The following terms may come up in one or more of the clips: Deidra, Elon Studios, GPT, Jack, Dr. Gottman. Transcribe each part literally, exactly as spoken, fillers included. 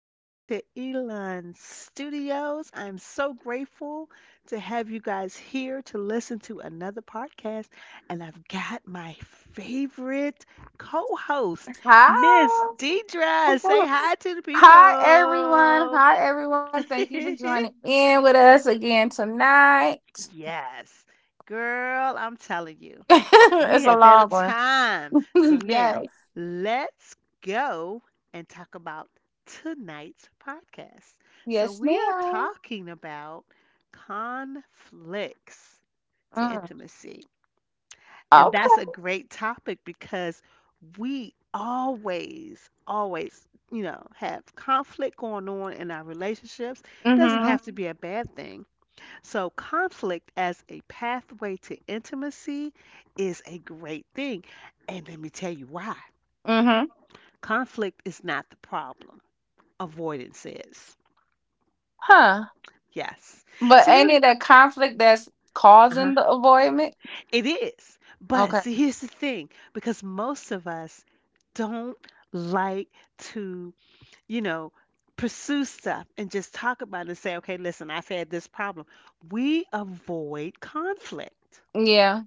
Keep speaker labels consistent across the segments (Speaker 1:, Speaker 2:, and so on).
Speaker 1: back to Elon Studios. I'm so grateful to have you guys here to listen to another podcast. And I've got my favorite co host,
Speaker 2: Hi.
Speaker 1: Miss Deidra. Say hi to the
Speaker 2: Hi, everyone.
Speaker 1: people.
Speaker 2: Hi, everyone. Thank you for joining in with us again tonight.
Speaker 1: Yes, girl, I'm telling you. We
Speaker 2: It's a
Speaker 1: have had a
Speaker 2: long
Speaker 1: time. So
Speaker 2: one.
Speaker 1: now
Speaker 2: Yes.
Speaker 1: let's go and talk about tonight's podcast. So
Speaker 2: Yes,
Speaker 1: we are
Speaker 2: ma'am.
Speaker 1: talking about conflicts to
Speaker 2: Mm.
Speaker 1: intimacy. And that's a
Speaker 2: Okay.
Speaker 1: great topic because we always, always, you know, have conflict going on in our relationships. Doesn't
Speaker 2: Mm-hmm.
Speaker 1: have to be a bad thing. So, conflict as a pathway to intimacy is a great thing. And let me tell you why.
Speaker 2: Mm-hmm.
Speaker 1: Conflict is not the problem, avoidance is.
Speaker 2: Huh.
Speaker 1: Yes.
Speaker 2: But
Speaker 1: So,
Speaker 2: ain't
Speaker 1: that's,
Speaker 2: it a conflict that's
Speaker 1: uh-huh,
Speaker 2: causing the avoidment?
Speaker 1: is. But
Speaker 2: Okay.
Speaker 1: see, here's the thing because most of us don't like to, you know, pursue stuff and just talk about it and say, okay, listen, I've had this problem. We avoid conflict.
Speaker 2: Yeah.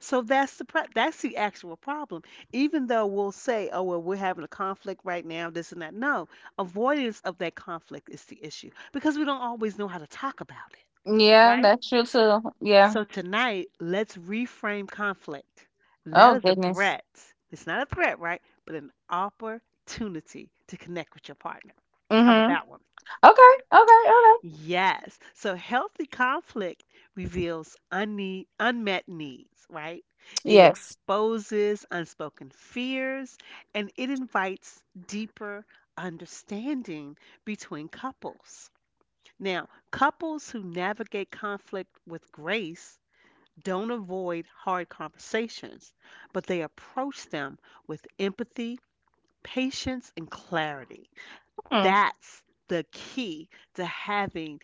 Speaker 1: So that's the pro- that's the actual problem. Even though we'll say, "Oh well, we're having a conflict right now, this and that." No, avoidance of that conflict is the issue because we don't always know how to talk about it,
Speaker 2: Yeah,
Speaker 1: right?
Speaker 2: that's true too. Yeah.
Speaker 1: So tonight, let's reframe conflict not
Speaker 2: Oh
Speaker 1: as a
Speaker 2: goodness.
Speaker 1: threat. It's not a threat, right? But an opportunity to connect with your partner. How about
Speaker 2: Mm-hmm.
Speaker 1: that one?
Speaker 2: Okay. Okay. Okay.
Speaker 1: Yes. So healthy conflict reveals unne unmet needs, right? It
Speaker 2: Yes.
Speaker 1: exposes unspoken fears and it invites deeper understanding between couples. Now, couples who navigate conflict with grace don't avoid hard conversations, but they approach them with empathy, patience, and clarity.
Speaker 2: Hmm.
Speaker 1: That's the key to having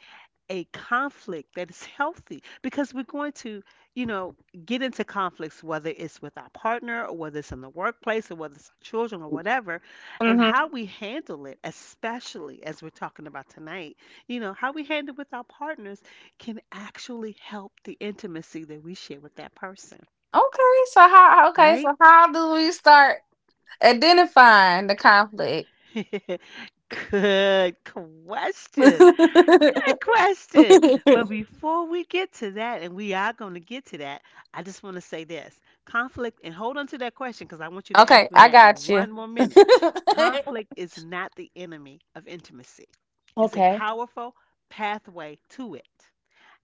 Speaker 1: a conflict that is healthy because we're going to, you know, get into conflicts, whether it's with our partner or whether it's in the workplace or whether it's our children or whatever, and how
Speaker 2: Mm-hmm.
Speaker 1: we handle it, especially as we're talking about tonight, you know, how we handle with our partners can actually help the intimacy that we share with that person,
Speaker 2: Okay, so how okay,
Speaker 1: right?
Speaker 2: so how do we start identifying the conflict?
Speaker 1: Good question. Good question. But before we get to that, and we are going to get to that, I just want to say this conflict, and hold on to that question because I want you to ask
Speaker 2: Okay,
Speaker 1: me
Speaker 2: I
Speaker 1: that in
Speaker 2: got you.
Speaker 1: one more minute. Conflict is not the enemy of intimacy, it's a
Speaker 2: Okay.
Speaker 1: powerful pathway to it,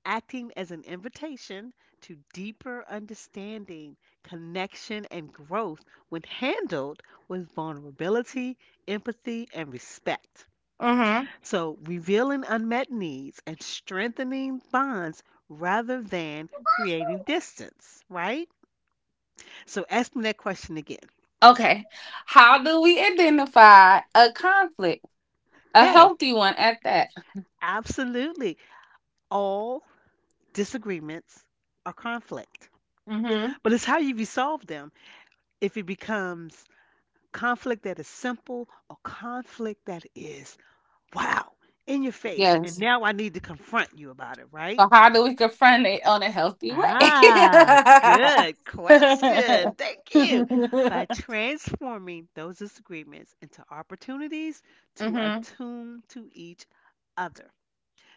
Speaker 1: acting as an invitation to deeper understanding, connection, and growth when handled with vulnerability, empathy, and respect.
Speaker 2: Mhm.
Speaker 1: So, revealing unmet needs and strengthening bonds rather than creating distance, right? So, ask me that question again.
Speaker 2: Okay. How do we identify a conflict? A
Speaker 1: Okay,
Speaker 2: healthy one at that.
Speaker 1: absolutely. All disagreements are conflict,
Speaker 2: Mhm.
Speaker 1: but it's how you resolve them if it becomes conflict that is simple or conflict that is, wow, in your face. And
Speaker 2: Yes.
Speaker 1: now I need to confront you about it, right?
Speaker 2: So how do we confront it on a healthy way?
Speaker 1: Ah, good question. Thank you. By transforming those disagreements into opportunities to
Speaker 2: Mhm.
Speaker 1: attune to each other,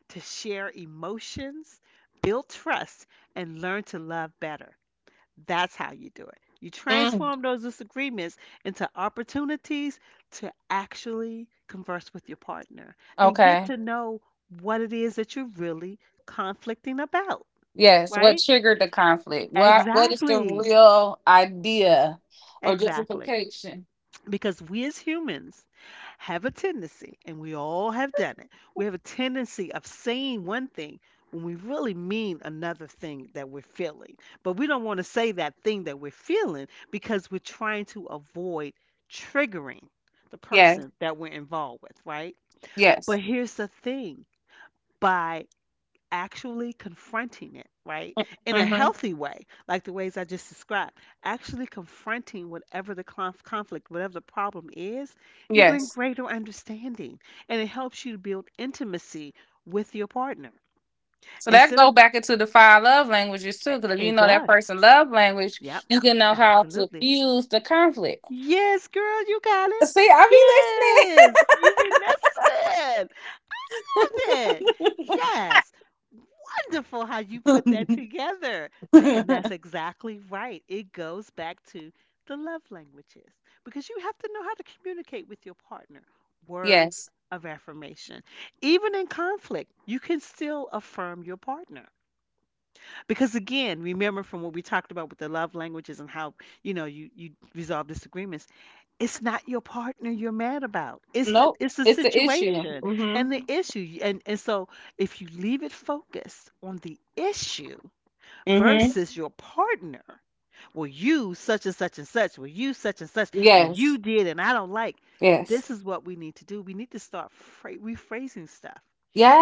Speaker 1: to share emotions, build trust, and learn to love better. That's how you do it. You
Speaker 2: Mm.
Speaker 1: transform those disagreements into opportunities to actually converse with your partner and get
Speaker 2: Okay.
Speaker 1: to know what it is that you're really conflicting about,
Speaker 2: Yes, what
Speaker 1: right?
Speaker 2: triggered the conflict? What what is the
Speaker 1: Exactly.
Speaker 2: real idea or
Speaker 1: Exactly.
Speaker 2: justification?
Speaker 1: Because we as humans have a tendency, and we all have done it, we have a tendency of saying one thing when we really mean another thing that we're feeling. But we don't want to say that thing that we're feeling because we're trying to avoid triggering the
Speaker 2: Yes,
Speaker 1: person that we're involved with, right? But
Speaker 2: yes.
Speaker 1: here's the thing by actually confronting it, right? In a
Speaker 2: Hmm.
Speaker 1: healthy way, like the ways I just described, actually confronting whatever the conf- conflict, whatever the problem is, you bring
Speaker 2: Yes.
Speaker 1: greater understanding and it helps you to build intimacy with your partner.
Speaker 2: So that
Speaker 1: Instead
Speaker 2: go
Speaker 1: of,
Speaker 2: back into the five love languages too,
Speaker 1: it
Speaker 2: because if you
Speaker 1: it
Speaker 2: know that
Speaker 1: does.
Speaker 2: person love language,
Speaker 1: Yep,
Speaker 2: you can know how to
Speaker 1: absolutely.
Speaker 2: fuse the conflict.
Speaker 1: Yes, girl, you got it.
Speaker 2: See, I
Speaker 1: Yes, you be listening. It.
Speaker 2: be
Speaker 1: Yes. Wonderful how you put that
Speaker 2: listening.
Speaker 1: together. Tha- And that's exactly right. It goes back to the love languages because you have to know how to communicate with your partner. Words
Speaker 2: Yes.
Speaker 1: of affirmation. Even in conflict, you can still affirm your partner. Because again, remember from what we talked about with the love languages and how, you know, you you resolve disagreements, it's not your partner you're mad about. It's the
Speaker 2: Nope.
Speaker 1: it's the
Speaker 2: It's an issue.
Speaker 1: situation
Speaker 2: Hmm.
Speaker 1: and the issue. And and so if you leave it focused on the issue
Speaker 2: Hmm.
Speaker 1: versus your partner, well, you such and such and such, well, you such and such, and you
Speaker 2: Yes.
Speaker 1: did, and I don't like.
Speaker 2: Yes.
Speaker 1: This is what we need to do. We need to start phra- rephrasing stuff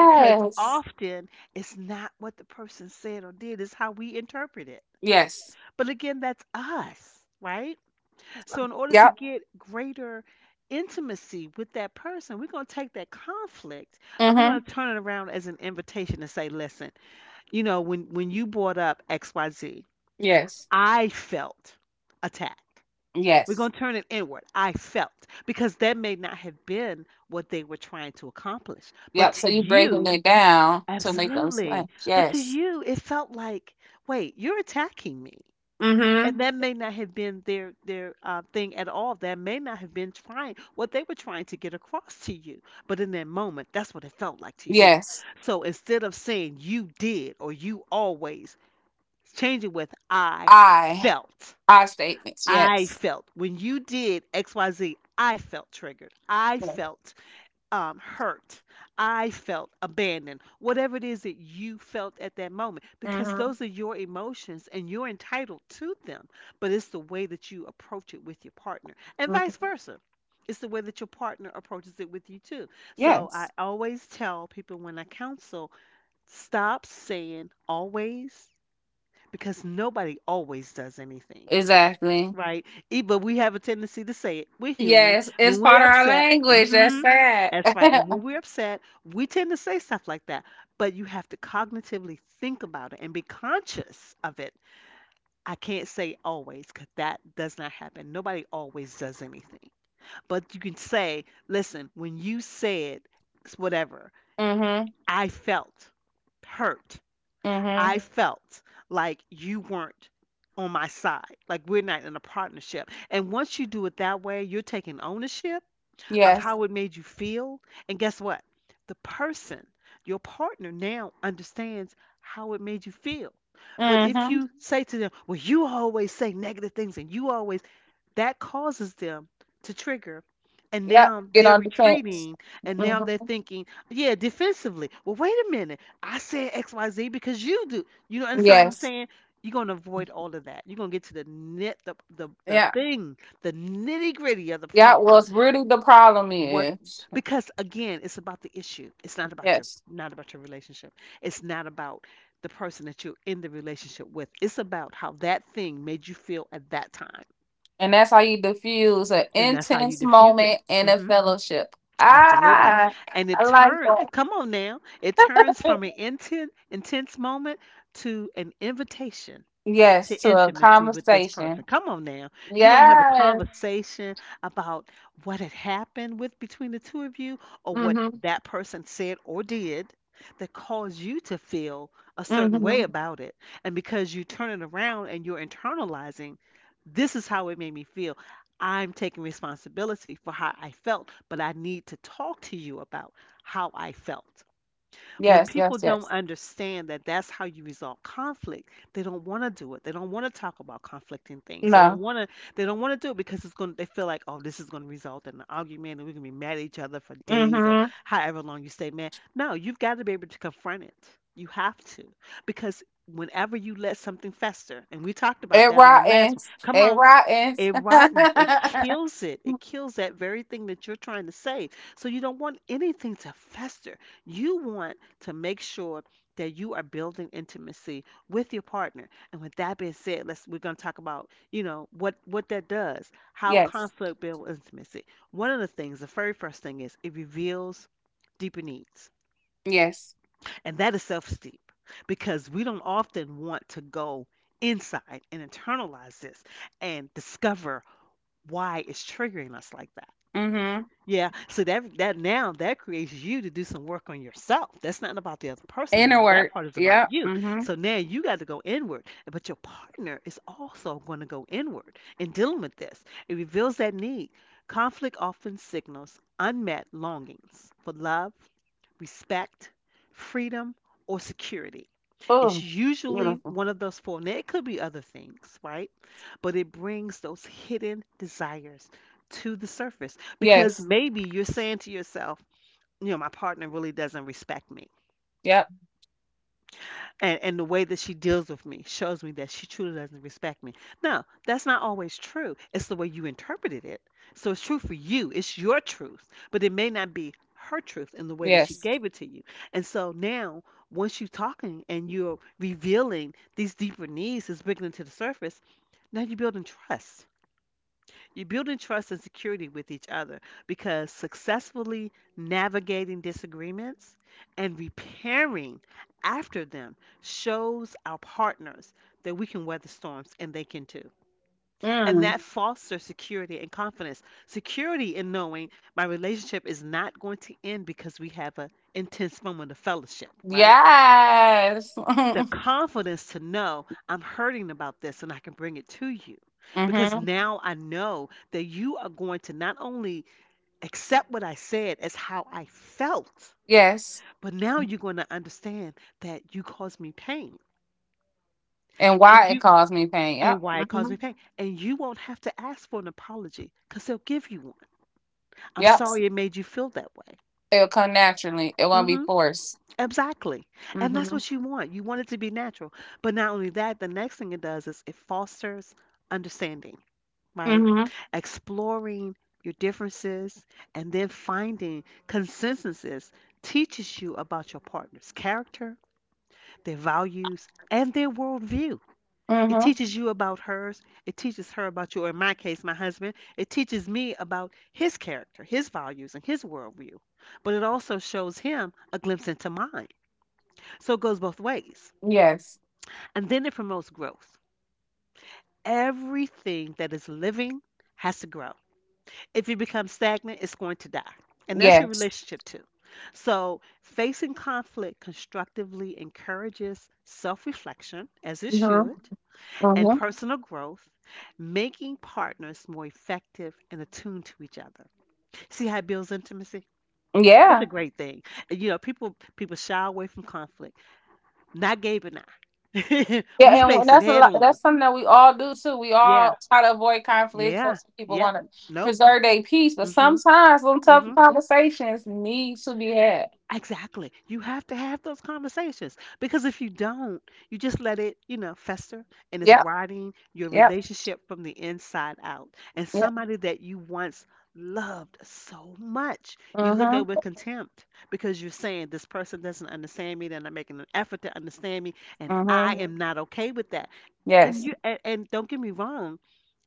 Speaker 1: because often it's not what the person said or did, it's how we interpret it.
Speaker 2: Yes.
Speaker 1: But again, that's us, right? So, in order to
Speaker 2: Yep.
Speaker 1: get greater intimacy with that person, we're going to take that conflict and we're going
Speaker 2: Hmm.
Speaker 1: to turn it around as an invitation to say, listen, you know, when, when you brought up X Y Z,
Speaker 2: Yes.
Speaker 1: I felt attacked. We're going
Speaker 2: Yes.
Speaker 1: to turn it inward. I felt because that may not have been what they were trying to accomplish. But
Speaker 2: Yep.
Speaker 1: to
Speaker 2: So you breaking
Speaker 1: you,
Speaker 2: it down to make them slam.
Speaker 1: absolutely. But to
Speaker 2: Yes.
Speaker 1: you, it felt like, wait, you're attacking me.
Speaker 2: Mm-hmm.
Speaker 1: And that may not have been their their uh, thing at all. That may not have been trying what they were trying to get across to you. But in that moment, that's what it felt like to you.
Speaker 2: Yes.
Speaker 1: So instead of saying you did or you always, change it with I
Speaker 2: I.
Speaker 1: felt.
Speaker 2: I statements.
Speaker 1: I
Speaker 2: Yes.
Speaker 1: felt. When you did X Y Z. I felt triggered. I felt um, hurt. I felt abandoned. Whatever it is that you felt at that moment, because
Speaker 2: Mm-hmm.
Speaker 1: those are your emotions and you're entitled to them. But it's the way that you approach it with your partner, and vice
Speaker 2: Mm-hmm.
Speaker 1: versa. It's the way that your partner approaches it with you, too. So I
Speaker 2: Yes.
Speaker 1: always tell people when I counsel, stop saying always because nobody always does anything.
Speaker 2: Exactly.
Speaker 1: Right. E, but we have a tendency to say it. We're human.
Speaker 2: Yes. It's
Speaker 1: When
Speaker 2: part
Speaker 1: we're
Speaker 2: of our
Speaker 1: upset,
Speaker 2: language. That's
Speaker 1: hmm
Speaker 2: sad.
Speaker 1: that's right. And when we're upset, we tend to say stuff like that. But you have to cognitively think about it and be conscious of it. I can't say always because that does not happen. Nobody always does anything. But you can say, listen, when you said s- whatever,
Speaker 2: Mm-hmm.
Speaker 1: I felt hurt.
Speaker 2: Mm-hmm.
Speaker 1: I felt like you weren't on my side. Like we're not in a partnership. And once you do it that way, you're taking ownership of
Speaker 2: Yes.
Speaker 1: how it made you feel. And guess what? The person, your partner now understands how it made you feel. But if
Speaker 2: Mm-hmm.
Speaker 1: you say to them, well, you always say negative things and you always, that causes them to trigger. And
Speaker 2: Yep.
Speaker 1: now
Speaker 2: Get
Speaker 1: they're
Speaker 2: on defense.
Speaker 1: retreating and now they're
Speaker 2: Mm-hmm.
Speaker 1: thinking, yeah, defensively. Well, wait a minute. I said X Y Z because you do. You don't understand what I'm
Speaker 2: Yes.
Speaker 1: saying? You're going to avoid all of that. You're going to get to the knit, the, the, the
Speaker 2: Yeah.
Speaker 1: thing, the nitty gritty of the
Speaker 2: Yeah. Well,
Speaker 1: problem.
Speaker 2: it's really the problem
Speaker 1: What?
Speaker 2: is.
Speaker 1: Because again, it's about the issue. It's not about your
Speaker 2: Yes.
Speaker 1: not about your relationship. It's not about the person that you're in the relationship with. It's about how that thing made you feel at that time.
Speaker 2: And that's how you diffuse an
Speaker 1: And that's how you
Speaker 2: intense
Speaker 1: diffuse it,
Speaker 2: moment in a
Speaker 1: hmm
Speaker 2: fellowship.
Speaker 1: absolutely.
Speaker 2: Ah,
Speaker 1: And it
Speaker 2: I like
Speaker 1: turns,
Speaker 2: that.
Speaker 1: come on now, it turns from an intense, intense moment to an invitation to
Speaker 2: Yes, to a
Speaker 1: intimacy with this person.
Speaker 2: conversation.
Speaker 1: Come on now. You're going to have a
Speaker 2: Yes.
Speaker 1: conversation about what had happened with between the two of you or what
Speaker 2: Mm-hmm.
Speaker 1: that person said or did that caused you to feel a certain way
Speaker 2: Mm-hmm.
Speaker 1: about it. And because you turn it around and you're internalizing, this is how it made me feel. I'm taking responsibility for how I felt, but I need to talk to you about how I felt. When
Speaker 2: Yes,
Speaker 1: people
Speaker 2: yes,
Speaker 1: don't
Speaker 2: yes.
Speaker 1: understand that that's how you resolve conflict, they don't want to do it. They don't want to talk about conflicting things. They don't
Speaker 2: No.
Speaker 1: want to. They don't want to do it because it's going. They feel like, oh, this is going to result in an argument, and we're going to be mad at each other for days or
Speaker 2: Mm-hmm.
Speaker 1: however long you stay mad. No, you've got to be able to confront it. You have to because whenever you let something fester, and we talked about
Speaker 2: It
Speaker 1: that on the last one.
Speaker 2: rottens.
Speaker 1: Come
Speaker 2: It
Speaker 1: on,
Speaker 2: rottens.
Speaker 1: it rottens, it kills it. It kills that very thing that you're trying to save. So you don't want anything to fester. You want to make sure that you are building intimacy with your partner. And with that being said, let's we're going to talk about, you know, what what that does. How
Speaker 2: Yes.
Speaker 1: conflict builds intimacy. One of the things, the very first thing is it reveals deeper needs.
Speaker 2: Yes.
Speaker 1: And that is self-esteem because we don't often want to go inside and internalize this and discover why it's triggering us like that.
Speaker 2: Mm-hmm.
Speaker 1: Yeah, so that that now that creates you to do some work on yourself. That's not about the other person
Speaker 2: Inner
Speaker 1: anymore.
Speaker 2: work.
Speaker 1: That part is about
Speaker 2: Yep.
Speaker 1: you.
Speaker 2: Mm-hmm.
Speaker 1: So now you got to go inward, but your partner is also going to go inward in dealing with this. It reveals that need. Conflict often signals unmet longings for love, respect, freedom, or security. It's
Speaker 2: Oh,
Speaker 1: usually
Speaker 2: beautiful.
Speaker 1: one of those four. Now, it could be other things, right? But it brings those hidden desires to the surface because
Speaker 2: Yes.
Speaker 1: maybe you're saying to yourself, you know, my partner really doesn't respect me
Speaker 2: Yep.
Speaker 1: and and the way that she deals with me shows me that she truly doesn't respect me. Now, that's not always true. It's the way you interpreted it. So it's true for you. It's your truth, but it may not be her truth in the way that she
Speaker 2: Yes.
Speaker 1: gave it to you. And so now, once you're talking and you're revealing these deeper needs, is bringing them to the surface. Now you're building trust, you're building trust and security with each other because successfully navigating disagreements and repairing after them shows our partners that we can weather storms and they can too. And
Speaker 2: Mm.
Speaker 1: that fosters security and confidence. Security in knowing my relationship is not going to end because we have an intense moment of fellowship, right?
Speaker 2: Yes.
Speaker 1: The
Speaker 2: Mm-hmm.
Speaker 1: confidence to know I'm hurting about this and I can bring it to you because now I know that you are going to not only accept what I said as how I felt.
Speaker 2: Yes.
Speaker 1: But now you're going to understand that you caused me pain
Speaker 2: And
Speaker 1: and
Speaker 2: why it
Speaker 1: you
Speaker 2: caused me pain. Yep.
Speaker 1: and why it caused
Speaker 2: Hmm.
Speaker 1: me pain. And you won't have to ask for an apology because they'll give you one. I'm
Speaker 2: Yep.
Speaker 1: sorry it made you feel that way.
Speaker 2: It'll come naturally. It won't
Speaker 1: Mm
Speaker 2: be
Speaker 1: hmm
Speaker 2: forced.
Speaker 1: Exactly. And that's
Speaker 2: Mm-hmm.
Speaker 1: what you want. You want it to be natural. But not only that, the next thing it does is it fosters understanding, right?
Speaker 2: Mm-hmm.
Speaker 1: Exploring your differences and then finding consensuses teaches you about your partner's character, their values, and their worldview. It
Speaker 2: Mm-hmm.
Speaker 1: teaches you about hers. It teaches her about you, or in my case, my husband. It teaches me about his character, his values, and his worldview. But it also shows him a glimpse into mine. So it goes both ways.
Speaker 2: Yes.
Speaker 1: And then it promotes growth. Everything that is living has to grow. If you become stagnant, it's going to die. And that's your
Speaker 2: Yes.
Speaker 1: relationship too. So, facing conflict constructively encourages self reflection, as it
Speaker 2: Mm-hmm.
Speaker 1: should, and
Speaker 2: Mm-hmm.
Speaker 1: personal growth, making partners more effective and attuned to each other. See how it builds intimacy? It's
Speaker 2: Yeah.
Speaker 1: a great thing. And, you know, people people shy away from conflict. Not Gabe and I. We
Speaker 2: Yeah, and
Speaker 1: face it
Speaker 2: that's a
Speaker 1: head
Speaker 2: lot,
Speaker 1: on.
Speaker 2: that's something that we all do too. We
Speaker 1: Yeah.
Speaker 2: all try to avoid conflict,
Speaker 1: Yeah.
Speaker 2: 'cause people
Speaker 1: Yep.
Speaker 2: want to
Speaker 1: Nope.
Speaker 2: preserve their peace, but
Speaker 1: Mhm.
Speaker 2: sometimes some tough
Speaker 1: Mhm.
Speaker 2: conversations need to be had.
Speaker 1: Exactly. You have to have those conversations because if you don't, you just let it, you know, fester, and it's
Speaker 2: Yep,
Speaker 1: rotting your
Speaker 2: yep,
Speaker 1: relationship from the inside out. And
Speaker 2: yep.
Speaker 1: somebody that you once loved so much, you look at
Speaker 2: Mhm,
Speaker 1: with contempt because you're saying this person doesn't understand me, they're not making an effort to understand me, and I
Speaker 2: mhm.
Speaker 1: am not okay with that. And
Speaker 2: Yes,
Speaker 1: you and, and don't get me wrong,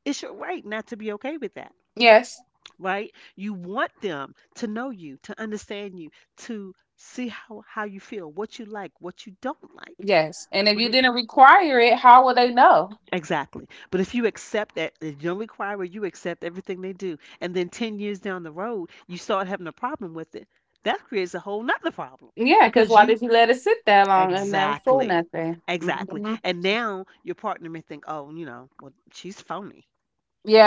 Speaker 1: it's your right not to be okay with that,
Speaker 2: yes,
Speaker 1: right? You want them to know you, to understand you, to see how how you feel, what you like, what you don't like.
Speaker 2: yes. And if
Speaker 1: But
Speaker 2: you
Speaker 1: if
Speaker 2: didn't require it, how will they know?
Speaker 1: exactly, but if you accept that you don't require, you accept everything they do, and then ten years down the road you start having a problem with it, that creates a whole nother problem
Speaker 2: Yeah, because
Speaker 1: because
Speaker 2: why did
Speaker 1: you
Speaker 2: you let it sit that long and never say
Speaker 1: exactly.
Speaker 2: nothing?
Speaker 1: Exactly.
Speaker 2: Hmm.
Speaker 1: And now your partner may think, oh, you know, well, she's phony.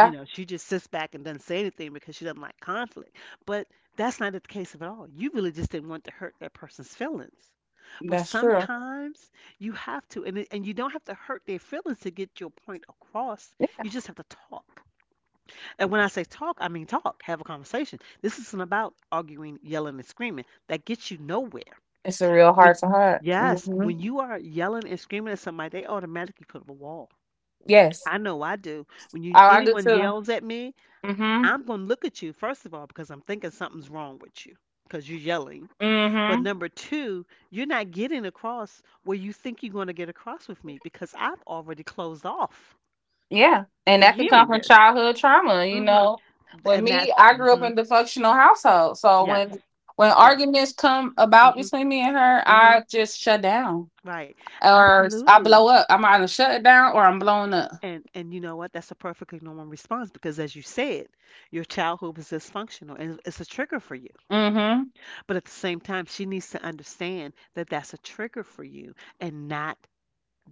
Speaker 1: You know, she just sits back and doesn't say anything because she doesn't like conflict. But that's not the case at all. You really just didn't want to hurt that person's feelings. But
Speaker 2: that's true.
Speaker 1: sometimes you have to, and, it- and you don't have to hurt their feelings to get your point across.
Speaker 2: Yeah,
Speaker 1: You just have to talk. And when I say talk, I mean talk, have a conversation. This isn't about arguing, yelling, and screaming. That gets you nowhere.
Speaker 2: it's a real heart
Speaker 1: When,
Speaker 2: to heart.
Speaker 1: yes,
Speaker 2: Hmm.
Speaker 1: when you are yelling and screaming at somebody, they automatically put up a wall.
Speaker 2: Yes,
Speaker 1: I know I do. When you
Speaker 2: oh, I do
Speaker 1: anyone
Speaker 2: too.
Speaker 1: yells at me,
Speaker 2: Hmm.
Speaker 1: I'm going to look at you, first of all, because I'm thinking something's wrong with you because you're yelling. But
Speaker 2: Hmm.
Speaker 1: number two, you're not getting across where you think you're going to get across with me because I've already closed off
Speaker 2: Yeah, and
Speaker 1: from
Speaker 2: that can come
Speaker 1: hearing
Speaker 2: from
Speaker 1: this.
Speaker 2: childhood trauma. You
Speaker 1: hmm
Speaker 2: know, with
Speaker 1: And that's,
Speaker 2: me, I grew up
Speaker 1: hmm
Speaker 2: in the functional household, so
Speaker 1: yes,
Speaker 2: when when
Speaker 1: yes.
Speaker 2: arguments come about
Speaker 1: hmm
Speaker 2: between me and her,
Speaker 1: hmm
Speaker 2: I just shut down
Speaker 1: Right.
Speaker 2: or I
Speaker 1: Absolutely.
Speaker 2: blow up. I'm either shut down or I'm blowing up.
Speaker 1: And, and you know what? That's a perfectly normal response because, as you said, your childhood was dysfunctional and it's a trigger for you.
Speaker 2: Hmm.
Speaker 1: But at the same time, she needs to understand that that's a trigger for you and not